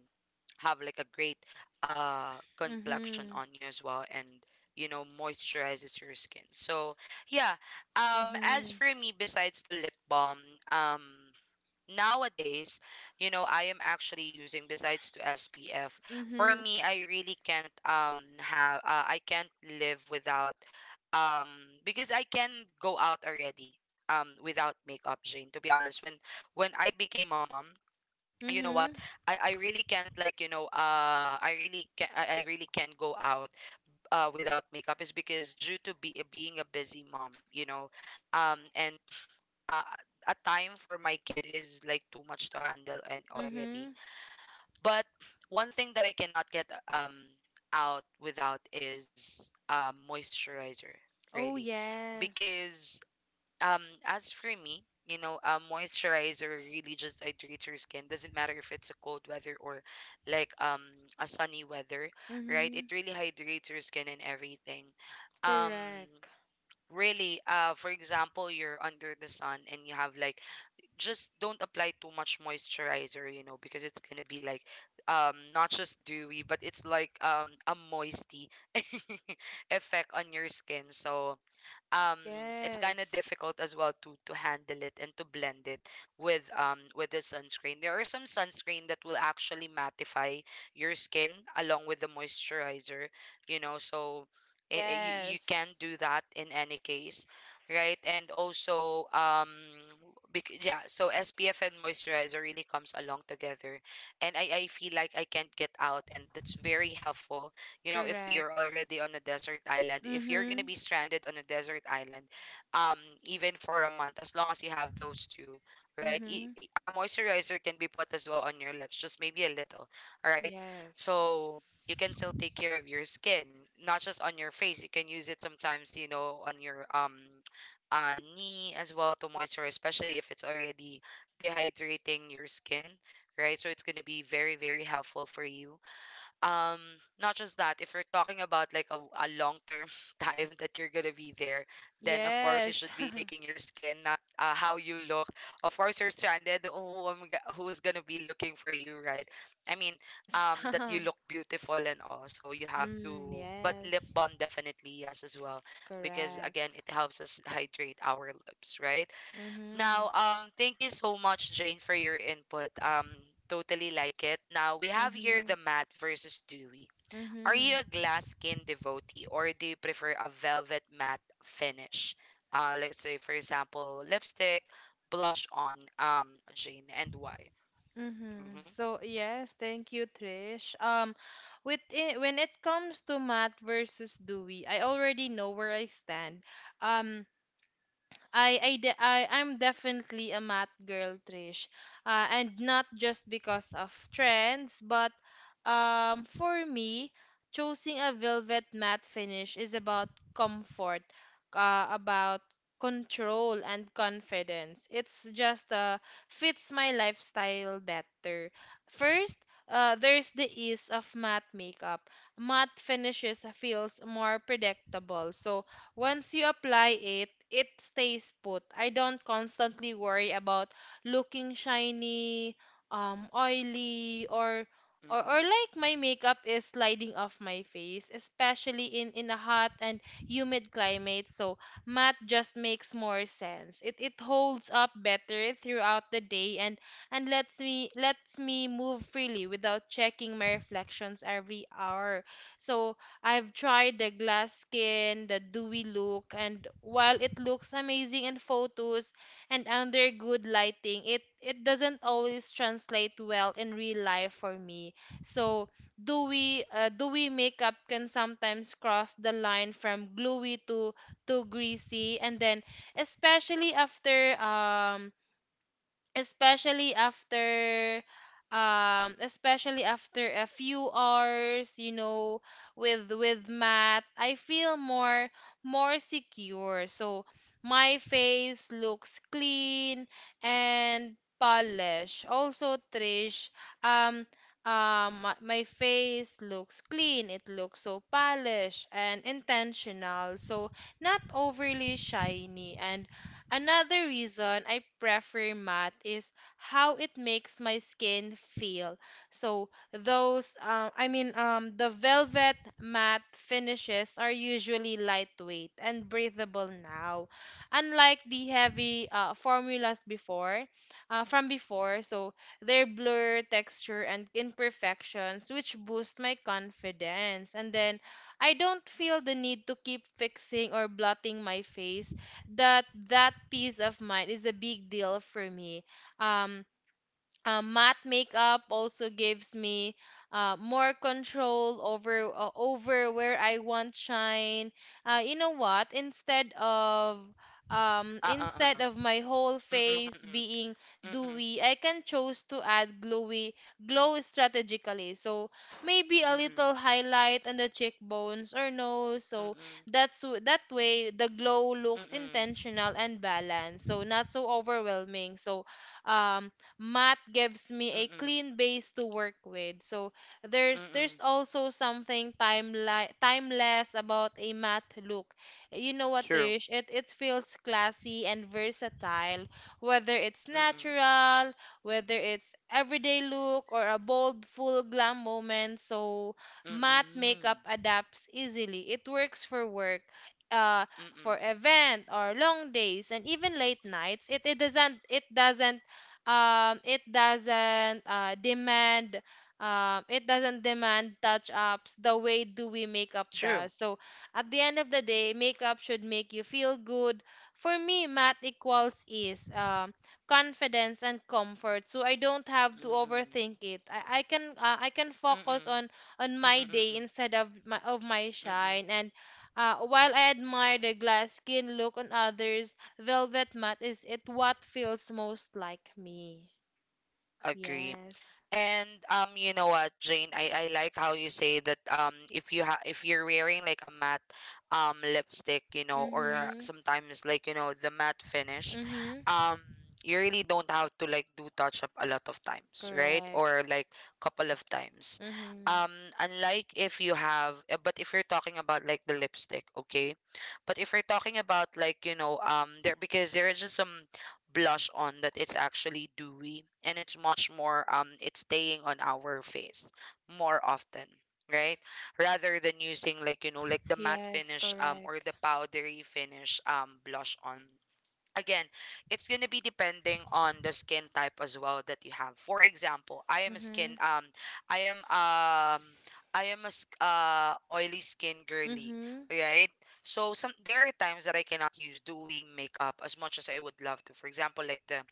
S1: have like a great complexion
S2: Mm-hmm.
S1: on you as well, and you know, moisturizes your skin. So yeah, as
S2: Mm-hmm.
S1: for me, besides the lip balm, um nowadays, you know, I am actually using besides to SPF. For
S2: Mm-hmm.
S1: me, I really can't have I can't live without, um because I can go out already without makeup, Jane. To be honest, when I became a mom, you know
S2: Mm-hmm.
S1: what? I really can't, like, you know, I really can I really can't go out without makeup, is because due to be being a busy mom, you know, and uh, a time for my kid is like too much to handle and
S2: Mm-hmm.
S1: already. But one thing that I cannot get out without is moisturizer,
S2: Oh,
S1: really,
S2: yes.
S1: because as for me, you know, moisturizer really just hydrates your skin. Doesn't matter if it's a cold weather or like a sunny weather, right?
S2: Mm-hmm.
S1: It really hydrates your skin and everything. Um.
S2: Correct.
S1: Really, for example, you're under the sun and you have like, just don't apply too much moisturizer, you know, because it's gonna be like, not just dewy, but it's like a moisty effect on your skin. So um it's kind of
S2: Yes.
S1: difficult as well to handle it and to blend it with, with the sunscreen. There are some sunscreen that will actually mattify your skin along with the moisturizer, you know. So you you can
S2: Yes.
S1: do that in any case, right? And also yeah, so SPF and moisturizer really comes along together, and I feel like I can't get out, and that's very helpful, you know, if you're
S2: Correct.
S1: already on a desert island, if you're going to
S2: Mm-hmm.
S1: be stranded on a desert island, um even for a month, as long as you have those two, right?
S2: Mm-hmm.
S1: A moisturizer can be put as well on your lips, just maybe a little. All right, so you
S2: Yes.
S1: can still take care of your skin, not just on your face. You can use it sometimes, you know, on your knee as well, to moisturize, especially if it's already dehydrating your skin, right? So it's going to be very, very helpful for you. um Not just that, if you're talking about like a long term time that you're gonna be there, then of course you
S2: Yes.
S1: should be taking your skin, not how you look. Of course, you're stranded, who's gonna be looking for you, right? I mean,
S2: Yes.
S1: that you look beautiful and all, so you have
S2: Mm,
S1: to. But lip
S2: yes.
S1: balm, definitely, yes, as well, because again,
S2: Correct.
S1: it helps us hydrate our lips, right?
S2: Mm-hmm.
S1: Now, thank you so much, Jane, for your input. Totally like it. Now we have here
S2: Mm-hmm.
S1: the matte versus dewy. Are
S2: Mm-hmm.
S1: you a glass skin devotee, or do you prefer a velvet matte finish? Let's say, for example, lipstick, blush on, Jane, and why?
S2: Mm-hmm.
S1: Mm-hmm.
S2: So yes, thank you, Trish. When it comes to Matt versus Dewey, I already know where I stand. Um, I I'm definitely a math girl, Trish. And not just because of trends, but for me, choosing a velvet matte finish is about comfort, about control and confidence. It's just fits my lifestyle better. First, there's the ease of matte makeup. Matte finishes feels more predictable, so once you apply it, it stays put. I don't constantly worry about looking shiny, oily, or or
S1: Mm-mm.
S2: like my makeup is sliding off my face, especially in a hot and humid climate. So matte just makes more sense. It holds up better throughout the day, and lets me move freely without checking my reflections every hour. So I've tried the glass skin, the dewy look, and while it looks amazing in photos and under good lighting, it doesn't always translate well in real life for me. So dewy makeup can sometimes cross the line from gluey to greasy, and then especially after um especially after especially after a few hours, you know. With math I feel more more secure. So my face looks clean and polished. Also, Trish, um my face looks clean, it looks so polished and intentional, so not overly shiny. And another reason I prefer matte is how it makes my skin feel. So the velvet matte finishes are usually lightweight and breathable now, unlike the heavy formulas before, from before. So their blur, texture, and imperfections, which boost my confidence. And then I don't feel the need to keep fixing or blotting my face. That that peace of mind is a big deal for me. Um, Matte makeup also gives me more control over over where I want shine. You know what?
S1: Uh, uh,
S2: Instead
S1: uh, uh.
S2: of my whole
S1: Mm-mm,
S2: face
S1: mm-mm,
S2: being
S1: mm-mm,
S2: dewy, I can choose to add glow strategically. So maybe a little
S1: Mm-mm.
S2: highlight on the cheekbones or nose. So
S1: Mm-mm.
S2: that way the glow looks
S1: Mm-mm.
S2: intentional and balanced. So not so overwhelming. So um math gives me a
S1: Mm-mm.
S2: clean base to work with. So
S1: Mm-mm.
S2: there's also something timeli timeless about a math look. You know what,
S1: True.
S2: Trish? It feels classy and versatile, whether it's
S1: Mm-mm.
S2: natural, whether it's everyday look or a bold full glam moment. So matte
S1: Mm-mm,
S2: makeup adapts easily. It works for work, uh,
S1: mm-mm.
S2: for event or long days and even late nights. It doesn't it doesn't it doesn't demand It doesn't demand touch ups the way do we makeup
S1: True.
S2: does. So at the end of the day, makeup should make you feel good. For me, math equals is confidence and comfort. So I don't have to
S1: Mm-mm.
S2: overthink it. I can I can focus
S1: Mm-mm.
S2: on my
S1: Mm-mm,
S2: day
S1: mm-mm,
S2: instead of my
S1: mm-mm.
S2: shine. And while I admire the glass skin look on others, velvet matte is it what feels most like me.
S1: Agree.
S2: Yes.
S1: And you know what, Jane, I like how you say that, if you ha if you're wearing like a matte lipstick, you know, or
S2: Mhm.
S1: sometimes, like, you know, the matte finish,
S2: Mhm.
S1: um you really don't have to like do touch up a lot of times, right? Or
S2: Correct.
S1: like couple of times.
S2: Mhm.
S1: Um, unlike if you have, but if you're talking about like the lipstick, okay? But if we are talking about like, you know, there, because there are just some blush on that it's actually dewy, and it's much more, it's staying on our face more often, right, rather than using like, you know, like the matte
S2: Yes,
S1: finish or
S2: correct.
S1: the powdery finish blush on. Again, it's gonna be depending on the skin type as well that you have. For example,
S2: Mhm.
S1: I am um I am a s- oily skin girly,
S2: Mhm.
S1: right? So some, there are times that I cannot use dewy makeup as much as I would love to. For example, like the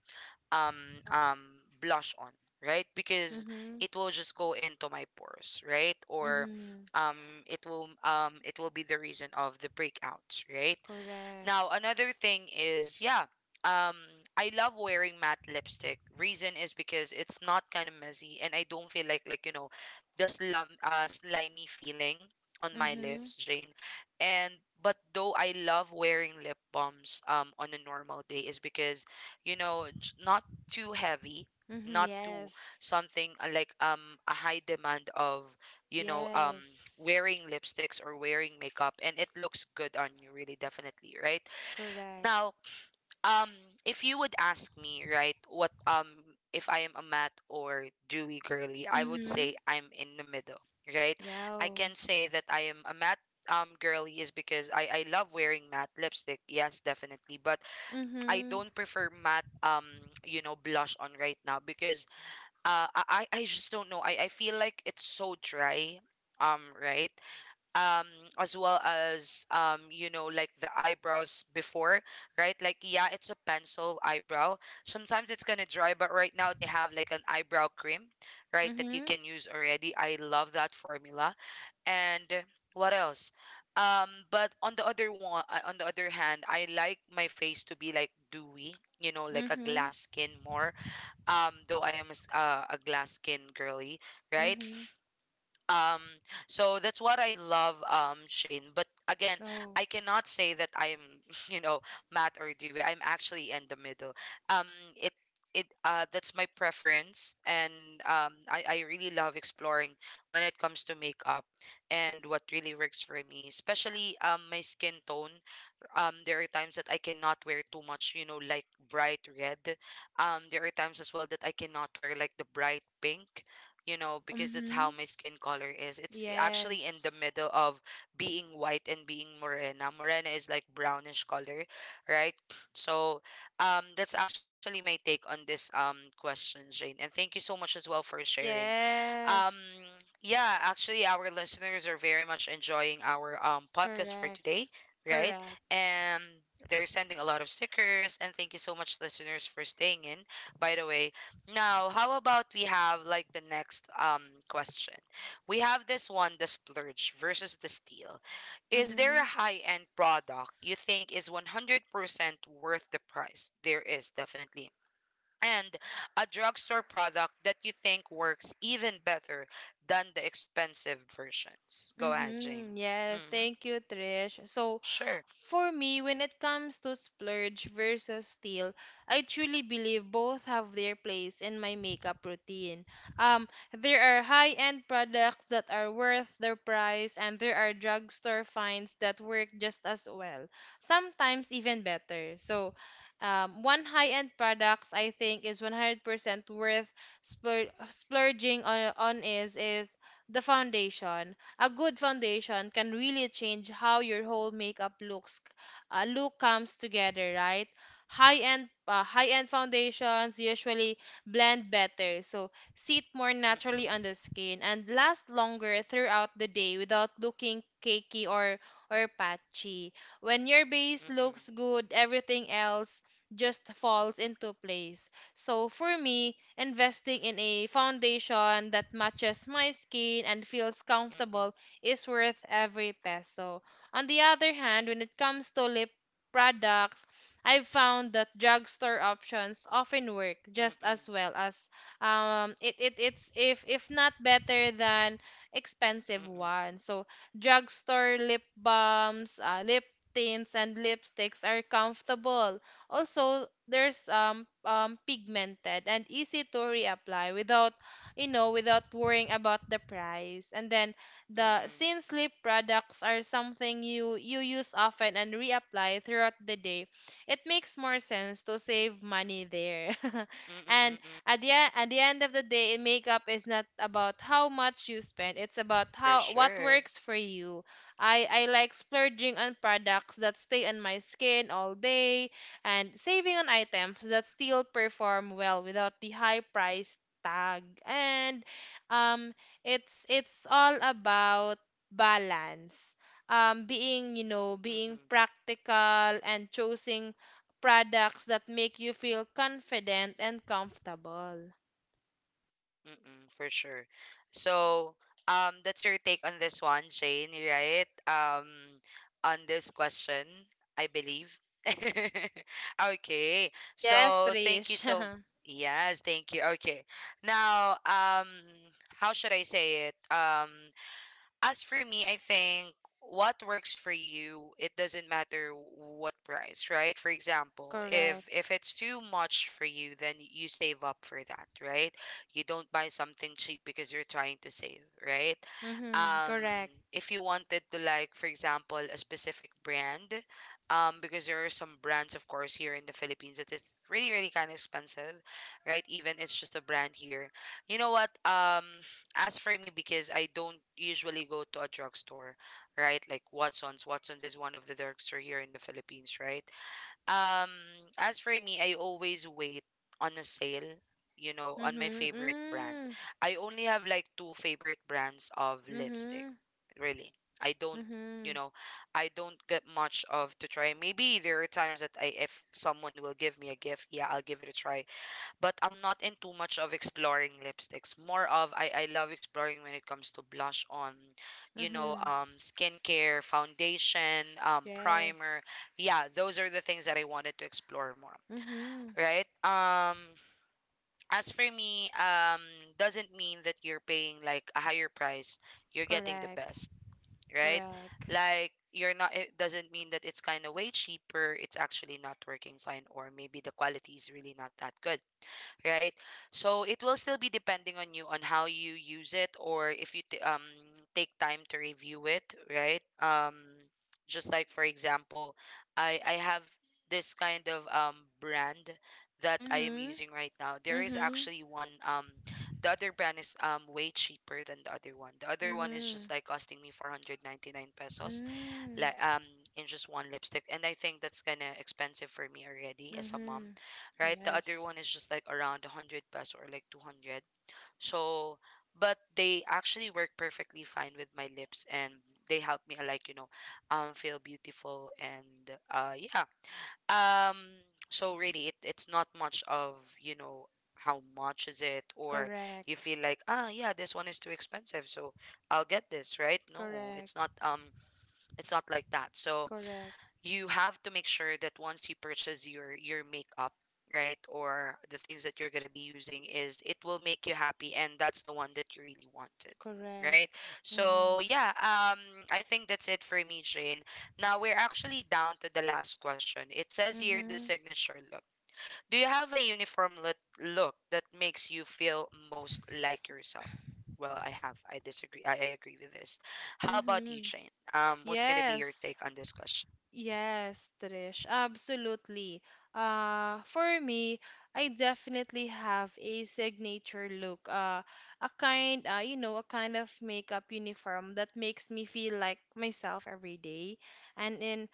S1: um um blush on, right? Because
S2: Mhm.
S1: it will just go into my pores, right? Or
S2: Mhm.
S1: um it will, it will be the reason of the breakouts, right?
S2: Correct.
S1: Now, another thing is, yeah, um, I love wearing matte lipstick. Reason is because it's not kind of messy, and I don't feel like, you know, the slum slimy feeling on my
S2: Mhm.
S1: lips, Jane. And, but though I love wearing lip balms on a normal day, is because, you know, not too heavy,
S2: Mhm.
S1: not too
S2: Yes.
S1: something, like, a high demand of, you know,
S2: Yes.
S1: wearing lipsticks or wearing makeup, and it looks good on you, really, definitely, right?
S2: Correct.
S1: Now, um, if you would ask me, right, what, if I am a matte or dewy girly, I would say
S2: Mhm.
S1: I'm in the middle, right? I
S2: Yeah.
S1: can say that I am a matte. Girly, is because I love wearing matte lipstick, yes, definitely, but I
S2: Mhm.
S1: don't prefer matte, you know, blush on right now, because I just don't know, I feel like it's so dry, right, um as well as, you know, like the eyebrows before, right? Like, yeah, it's a pencil eyebrow, sometimes it's gonna dry, but right now they have like an eyebrow cream, right, that you
S2: Mhm.
S1: can use already. I love that formula. And what else? But on the other one, on the other hand, I like my face to be like dewy, you know, like a
S2: Mhm.
S1: glass skin more. Though I am a glass skin girly, right?
S2: Mhm.
S1: um so that's what I love, Shane. But again,
S2: Oh.
S1: I cannot say that I'm you know, matt or dewey. I'm actually in the middle. Um it it That's my preference. And I really love exploring when it comes to makeup and what really works for me, especially my skin tone. There are times that I cannot wear too much, you know, like bright red. There are times as well that I cannot wear like the bright pink, you know, because that's how
S2: Mhm.
S1: my skin color is. It's actually in the
S2: Yes.
S1: middle of being white and being morena. Morena is like brownish color, right? So, that's actually my take on this question, Jane. And thank you so much as well for sharing. Um,
S2: Yes.
S1: yeah, actually, our listeners are very much enjoying our podcast for
S2: Correct.
S1: today, right?
S2: Correct.
S1: And they're sending a lot of stickers, and thank you so much, listeners, for staying in, by the way. Now, how about we have like the next question? We have this one, the splurge versus the steal. Is there a
S2: Mm-hmm.
S1: high-end product you think is 100% worth the price? There is, definitely. And a drugstore product that you think works even better than the expensive versions? Go ahead, Jane.
S2: Mm-hmm. Yes,
S1: Mm-hmm.
S2: thank you, Trish. So
S1: Sure.
S2: for me, when it comes to splurge versus steal, I truly believe both have their place in my makeup routine. Um, there are high-end products that are worth their price, and there are drugstore finds that work just as well, sometimes even better. So one high-end products I think is 100% worth splurging on is the foundation. A good foundation can really change how your whole makeup look comes together, right? High end foundations usually blend better, so sit more naturally
S1: Mm-mm.
S2: on the skin and last longer throughout the day without looking cakey or patchy. When your base
S1: Mm-mm.
S2: looks good, everything else just falls into place. So for me, investing in a foundation that matches my skin and feels
S1: Mm-mm,
S2: comfortable is worth every peso. On the other hand, when it comes to lip products, I've found that drugstore options often work just
S1: mm-mm,
S2: as well as it, it it's if not better than expensive
S1: mm-mm,
S2: ones. So drugstore lip balms, lip tints and lipsticks are comfortable also, there's pigmented and easy to reapply without without worrying about the price. And then the
S1: mm-mm,
S2: since lip products are something you use often and reapply throughout the day, it makes more sense to save money there.
S1: mm-mm,
S2: And
S1: mm-mm.
S2: at the end of the day, makeup is not about how much you spend. It's about
S1: For
S2: how what
S1: sure.
S2: works for you. I like splurging on products that stay on my skin all day and saving on items that still perform well without the high price tag. And um it's all about balance, being, being
S1: Mm-mm,
S2: practical and choosing products that make you feel confident and comfortable.
S1: mm-mm, for sure. So, that's your take on this one, Shane, right? On this question, I believe. Okay.
S2: Yes,
S1: So, thank you
S2: Trish.
S1: so Yes, thank you. Okay. Now, how should I say it? As for me, I think what works for you, it doesn't matter what price, right? For example,
S2: Correct.
S1: if it's too much for you, then you save up for that, right? You don't buy something cheap because you're trying to save, right?
S2: Mhm,
S1: Um,
S2: correct.
S1: if you wanted to like, for example, a specific brand, because there are some brands, of course, here in the Philippines, that it's really, really kind of expensive, right? Even it's just a brand here. You know what? As for me, because I don't usually go to a drugstore, right? Like Watson's. Watson's is one of the drugstore here in the Philippines, right? Um, as for me, I always wait on a sale, you know, on my
S2: Mhm.
S1: favorite brand.
S2: Mm.
S1: I only have like two favorite brands of lipstick,
S2: Mhm.
S1: really. I don't, you
S2: Mhm.
S1: know, I don't get much of to try. Maybe there are times that I, if someone will give me a gift, yeah, I'll give it a try, but I'm not into much of exploring lipsticks. More of I love exploring when it comes to blush on, you know,
S2: Mhm.
S1: skincare, foundation,
S2: Yes.
S1: primer. Yeah, those are the things that I wanted to explore more.
S2: Mhm.
S1: Right. As for me, doesn't mean that you're paying like a higher price, you're getting the
S2: Correct.
S1: best. Right.
S2: Correct.
S1: Like you're not. It doesn't mean that it's kind of way cheaper. It's actually not working fine, or maybe the quality is really not that good, right? So it will still be depending on you on how you use it or if you take time to review it, right? Just like for example, I have this kind of brand that I am
S2: Mm-hmm.
S1: using right now. There is
S2: Mm-hmm.
S1: actually one. The other brand is way cheaper than the other one. The other one is
S2: Mm-hmm.
S1: just like costing me 499 pesos,
S2: Mm-hmm.
S1: like um in just one lipstick, and I think that's kind of expensive for me already as a mom,
S2: Mm-hmm.
S1: right? The other
S2: Yes.
S1: one is just like around 100 pesos or like 200. So but they actually work perfectly fine with my lips, and they help me feel beautiful and yeah. um so really it's not much of, you know how much is it, or you
S2: Correct.
S1: feel like, ah, yeah, this one is too expensive, so I'll get this, right? No,
S2: Correct.
S1: it's not. It's not like that. So
S2: Correct.
S1: you have to make sure that once you purchase your makeup, right, or the things that you're going to be using, is it will make you happy, and that's the one that you really wanted, right?
S2: Correct.
S1: So
S2: Mm-hmm.
S1: yeah, I think that's it for me, Jane. Now we're actually down to the last question. It says here the
S2: Mm-hmm.
S1: signature look. Do you have a uniform look that makes you feel most like yourself? Well, I have, I disagree, I agree with this. How about you,
S2: Mm-hmm.
S1: Jane? What's going to be your
S2: Yes.
S1: take on this question?
S2: Yes, Trish, absolutely. For me, I definitely have a signature look. A kind of makeup uniform that makes me feel like myself every day. And in,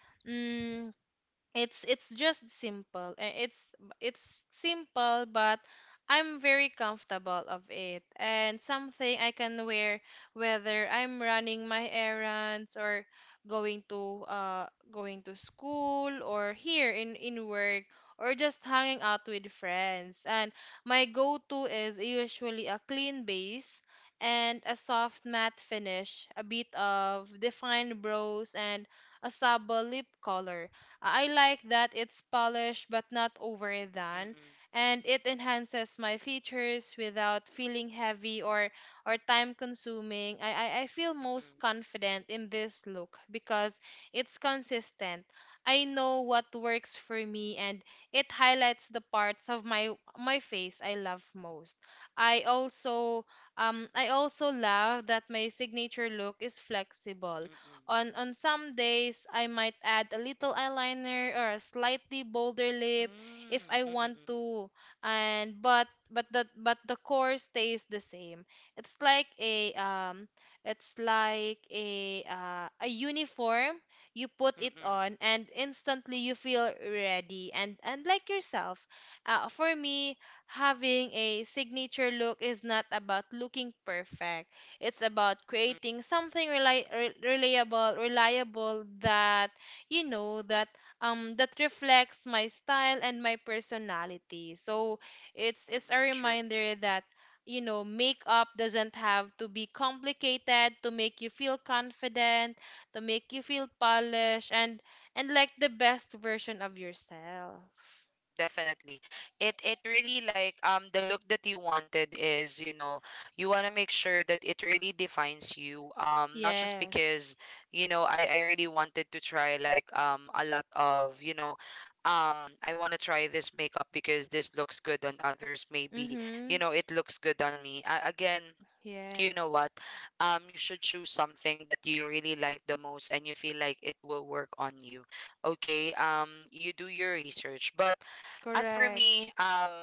S2: it's just simple. It's simple but I'm very comfortable of it and something I can wear whether I'm running my errands or going to uh going to school or here in work or just hanging out with friends. And my go-to is usually a clean base and a soft matte finish, a bit of defined brows and a sable lip color. I like that it's polished but not overdone,
S1: Mm-mm.
S2: and it enhances my features without feeling heavy or time consuming. I feel
S1: Mm-mm,
S2: most confident in this look because it's consistent. I know what works for me and it highlights the parts of my face I love most. I also I also love that my signature look is flexible.
S1: mm-mm,
S2: On some days, I might add a little eyeliner or a slightly bolder lip
S1: mm,
S2: if I want
S1: mm-mm,
S2: to. And but the core stays the same. It's like a um it's like a uniform. You put it
S1: mm-mm,
S2: on and instantly you feel ready and like yourself. For me, having a signature look is not about looking perfect. It's about
S1: mm-mm,
S2: creating something reliable that you know, that that reflects my style and my personality. So it's a
S1: mm-mm, true.
S2: reminder that you know, makeup doesn't have to be complicated to make you feel confident, to make you feel polished and like the best version of yourself.
S1: Definitely. It really like the look that you wanted is, you know, you want to make sure that it really defines you. Not just
S2: Yes.
S1: because, you know, I really wanted to try like a lot of, you know, I want to try this makeup because this looks good on others maybe, you
S2: Mhm.
S1: know, it looks good on me. Again, you know
S2: Yes.
S1: what, you should choose something that you really like the most and you feel like it will work on you. Okay, you do your research. But as for
S2: Correct.
S1: me,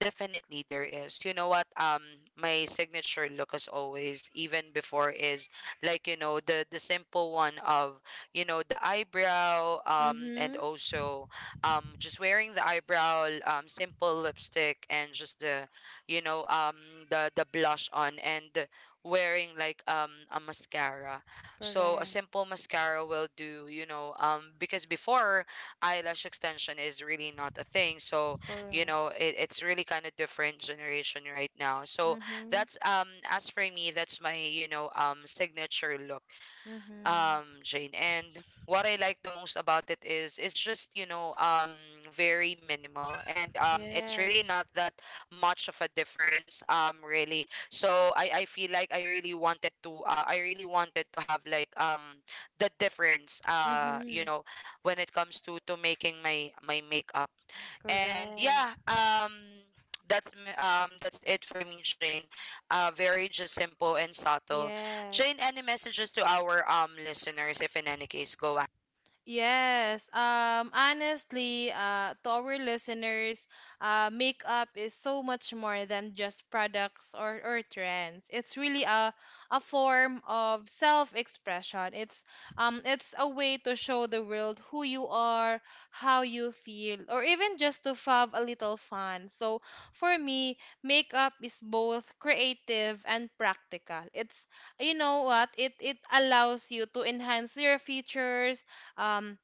S1: definitely there is, you know what, my signature look as always, even before, is like, you know, the simple one of, you know, the eyebrow, and
S2: Mhm.
S1: also, just wearing the eyebrow, simple lipstick, and just the, you know, the blush on, and wearing like a mascara. So a
S2: Correct.
S1: simple mascara will do, you know, because before, eyelash extension is really not a thing. So, you
S2: Correct.
S1: know, it's really kind of different generation right now. So
S2: Mm-hmm.
S1: that's, as for me, that's my, you know, signature look,
S2: Mm-hmm.
S1: Jane. And what I like the most about it is it's just, you know, very minimal, and it's
S2: Yes.
S1: really not that much of a difference, really. So I feel like I really wanted to I really wanted to have like the difference,
S2: Mm-hmm.
S1: you know, when it comes to making my my makeup. And
S2: Correct.
S1: yeah, that's that's it for me, Jane. Uh, very just simple and subtle. Jane,
S2: Yes.
S1: any messages to our listeners? If in any case, go ahead.
S2: Yes, honestly, to our listeners, makeup is so much more than just products or trends. It's really a form of self-expression. It's a way to show the world who you are, how you feel, or even just to have a little fun. So for me, makeup is both creative and practical. It's you know what? It allows you to enhance your features, um,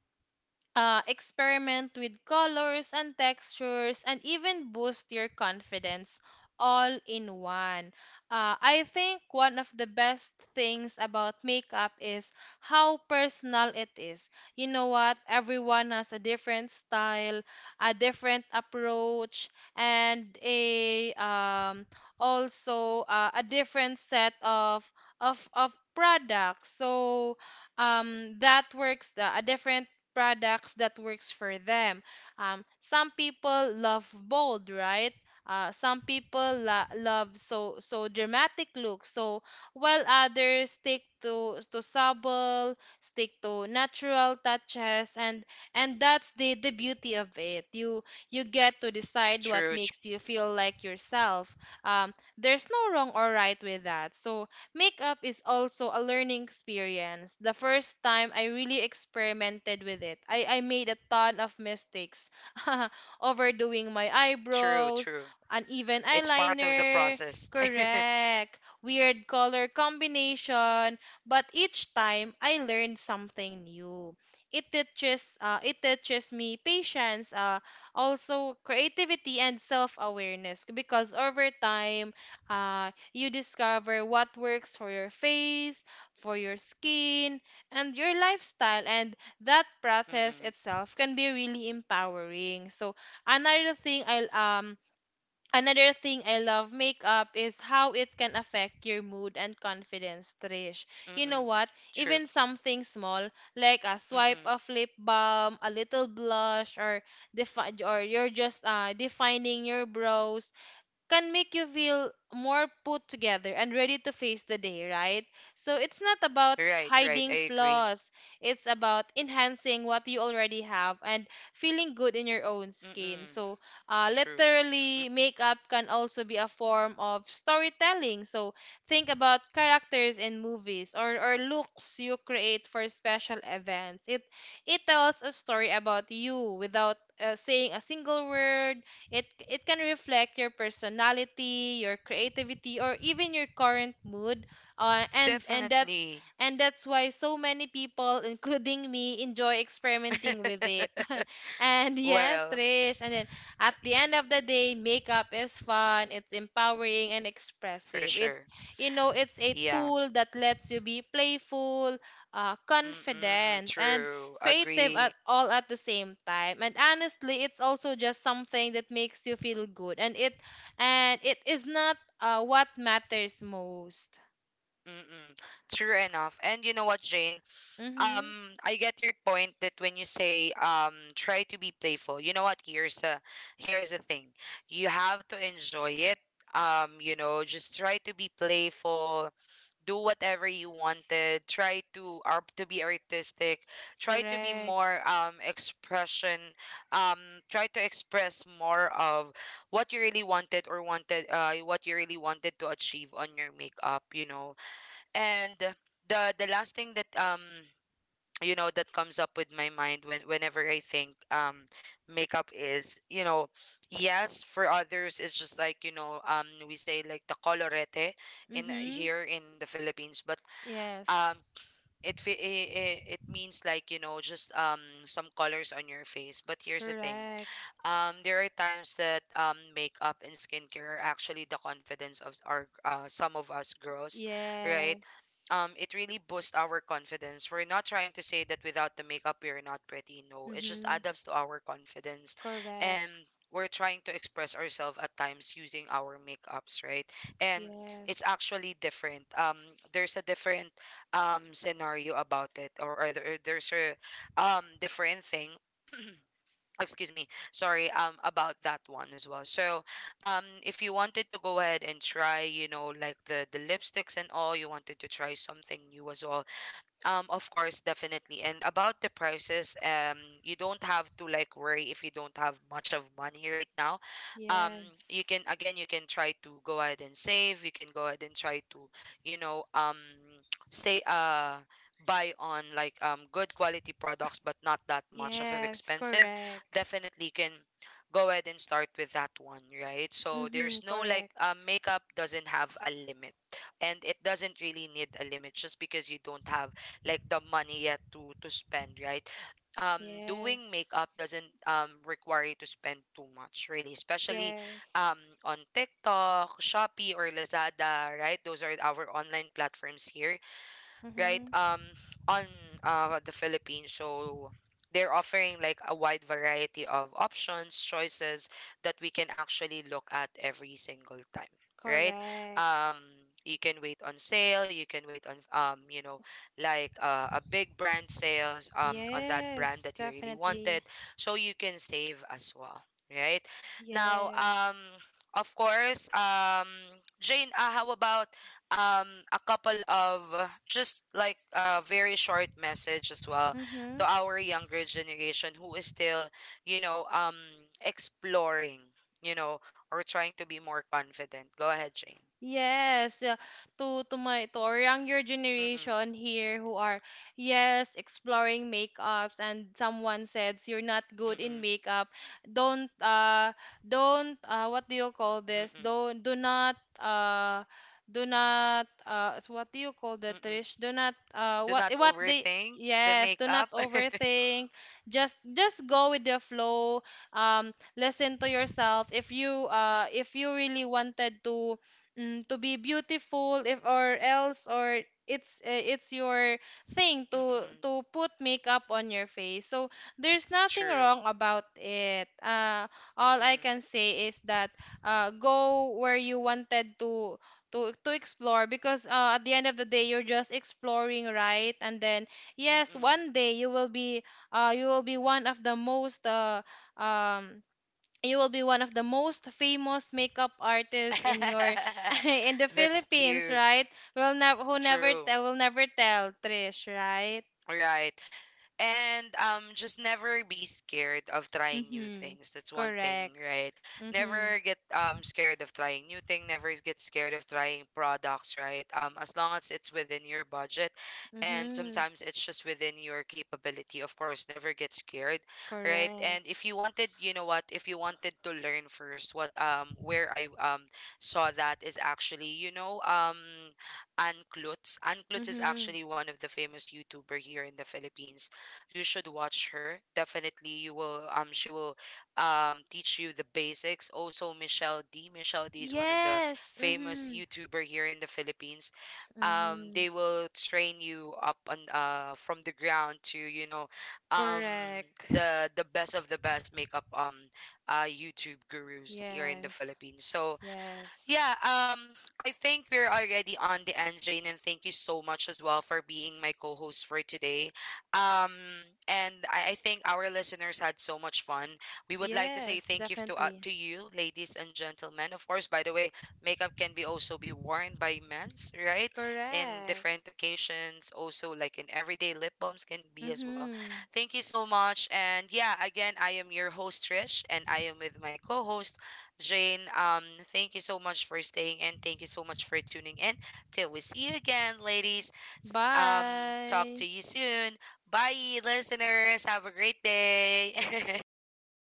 S2: experiment with colors and textures, and even boost your confidence all in one. I think one of the best things about makeup is how personal it is. You know what? Everyone has a different style, a different approach, and a also a different set of products. So that works, the a different products that works for them. Some people love bold, right? Some people love so so dramatic looks. So while others stick to subtle, stick to natural touches, and that's the beauty of it. You get to decide what
S1: True,
S2: makes you feel like yourself. There's no wrong or right with that. So makeup is also a learning experience. The first time I really experimented with it, I made a ton of mistakes. Overdoing my
S1: true,
S2: eyebrows,
S1: true.
S2: uneven
S1: It's part of the
S2: eyeliner,
S1: process.
S2: correct, weird color combination, but each time I learned something new. It teaches me patience, also creativity and self-awareness because over time, you discover what works for your face, for your skin, and your lifestyle. And that process
S1: Mm-mm,
S2: itself can be really empowering. So another thing I um another thing I love makeup is how it can affect your mood and confidence, Trish. You know
S1: mm-mm.
S2: what?
S1: True.
S2: Even something small like a swipe
S1: Mm-mm.
S2: of lip balm, a little blush, or or you're just defining your brows can make you feel more put together and ready to face the day, right? So it's not about
S1: Right, right. I
S2: hiding
S1: agree.
S2: flaws, it's about enhancing what you already have and feeling good in your own skin.
S1: Mm-mm.
S2: So,
S1: True. Mm.
S2: literally, makeup can also be a form of storytelling. So, think about characters in movies or looks you create for special events. It tells a story about you without saying a single word. It can reflect your personality, your creativity, or even your current mood. Uh, and and that's
S1: Definitely.
S2: and that's why so many people, including me, enjoy experimenting with it. And yes,
S1: Well,
S2: Trish. And then at the end of the day, makeup is fun. It's empowering and
S1: for
S2: expressive.
S1: sure.
S2: It's you know, it's a
S1: Yeah.
S2: tool that lets you be playful,
S1: Mm-mm,
S2: confident, and
S1: true.
S2: creative at
S1: Agree.
S2: all at the same time. And honestly, it's also just something that makes you feel good, and it is not what matters most.
S1: Mm-mm. True enough. And you know what, Jane?
S2: Mhm,
S1: I get your point that when you say, try to be playful. You know what? Here's a here's the thing. You have to enjoy it. You know, just try to be playful, do whatever you wanted, try to be artistic, try to be
S2: correct.
S1: more expression, um, try to express more of what you really wanted, or wanted, what you really wanted to achieve on your makeup, you know. And the last thing that, you know, that comes up with my mind when whenever I think, makeup is, you know, yes, for others, it's just like, you know, we say like the colorete in
S2: Mhm.
S1: here in the Philippines. But um
S2: Yes,
S1: it it means like, you know, just some colors on your face. But here's the thing,
S2: correct.
S1: there are times that, makeup and skincare are actually the confidence of our, some of us girls, right?
S2: Yes.
S1: It really boosts our confidence. We're not trying to say that without the makeup we are not pretty. No, it just
S2: Mhm,
S1: adds up to our confidence, and
S2: correct.
S1: we're trying to express ourselves at times using our makeups, right? And it's
S2: Yes.
S1: actually different. There's a different scenario about it, or, there's a different thing. Excuse me, sorry, about that one as well. So if you wanted to go ahead and try, you know, like the lipsticks and all, you wanted to try something new as well, of course, definitely. And about the prices, you don't have to like worry if you don't have much of money right now. Um, you
S2: Yes.
S1: can, again, you can try to go ahead and save. You can go ahead and try to, you know, say, buy on like good quality products, but not that much of it
S2: Yes,
S1: expensive.
S2: correct.
S1: Definitely you can go ahead and start with that one, right? So
S2: Mhm,
S1: there's no like,
S2: correct.
S1: makeup doesn't have a limit, and it doesn't really need a limit just because you don't have like the money yet to spend, right? Um, Doing makeup
S2: Yes.
S1: doesn't require you to spend too much, really, especially
S2: Yes.
S1: um on TikTok, Shopee, or Lazada, right? Those are our online platforms here, right,
S2: Mhm,
S1: on, the Philippines. So they're offering like a wide variety of options, choices, that we can actually look at every single time, right.
S2: correct.
S1: um you can wait on sale, you can wait on, you know, like, a big brand sales, on that brand
S2: Yes,
S1: that you really wanted,
S2: definitely.
S1: so you can save as well, right. Now,
S2: Yes.
S1: of course, Jane, how about a couple of, just like a very short message as well
S2: Mm-hmm.
S1: to our younger generation who is still, you know, exploring, you know, or trying to be more confident. Go ahead, Jane.
S2: Yes, to my, to our younger
S1: Mm-mm,
S2: generation here who are yes exploring makeups, and someone says you're not good
S1: mm-mm,
S2: in makeup, don't uh don't what do you call this?
S1: mm-mm,
S2: Don't do not what do you call that,
S1: mm-mm.
S2: Trish? Do not
S1: Do
S2: what
S1: not
S2: eh, what they
S1: overthink the
S2: yes, do not
S1: makeup.
S2: overthink. Just go with the flow. Listen to yourself. If you really wanted to to be beautiful, if or else, or it's your thing
S1: Mm-mm,
S2: to put makeup on your face, so there's nothing
S1: true.
S2: wrong about it. All I
S1: Mm-mm,
S2: can say is that go where you wanted to to explore, because at the end of the day you're just exploring, right? And then yes,
S1: mm-mm.
S2: one day you will be one of the most um you will be one of the most famous makeup artists in your in the
S1: That's
S2: Philippines,
S1: cute.
S2: right?
S1: True.
S2: Will never tell, Trish, right?
S1: Right. And just never be scared of trying new
S2: Mhm.
S1: things. That's one thing,
S2: Correct.
S1: right.
S2: Mhm.
S1: Never get scared of trying new thing, never get scared of trying products, right, as long as it's within your budget, and
S2: Mhm.
S1: sometimes it's just within your capability. Of course, never get scared, right.
S2: Correct.
S1: And if you wanted, you know what, if you wanted to learn first, what, where I, saw that is actually, you know, Ann Klutz. Ann Klutz is
S2: Mhm.
S1: actually one of the famous YouTuber here in the Philippines. You should watch her. Definitely, you will. She will, teach you the basics. Also, Michelle D. Michelle D. is one of the
S2: Yes.
S1: famous
S2: Mhm.
S1: YouTuber here in the Philippines.
S2: Mhm.
S1: They will train you up on, from the ground, to, you know, um
S2: Correct.
S1: the best of the best makeup, YouTube gurus here in the
S2: Yes.
S1: Philippines. So
S2: Yes.
S1: yeah, I think we're already on the end, Jane, and thank you so much as well for being my co-host for today. Um, and I think our listeners had so much fun. We would like to say
S2: Yes,
S1: thank you to,
S2: definitely.
S1: to you, ladies and gentlemen. Of course, by the way, makeup can be also be worn by men's, right? In
S2: Correct.
S1: different occasions, also like in everyday, lip balms can be as well.
S2: Mhm.
S1: Thank you so much, and yeah, again, I am your host Trish, and I am with my co-host Jane. Um, thank you so much for staying, and thank you so much for tuning in. Till we see you again, ladies. S- Um, Talk to
S2: Bye.
S1: you soon. Bye, listeners. Have a great day.
S2: Yes.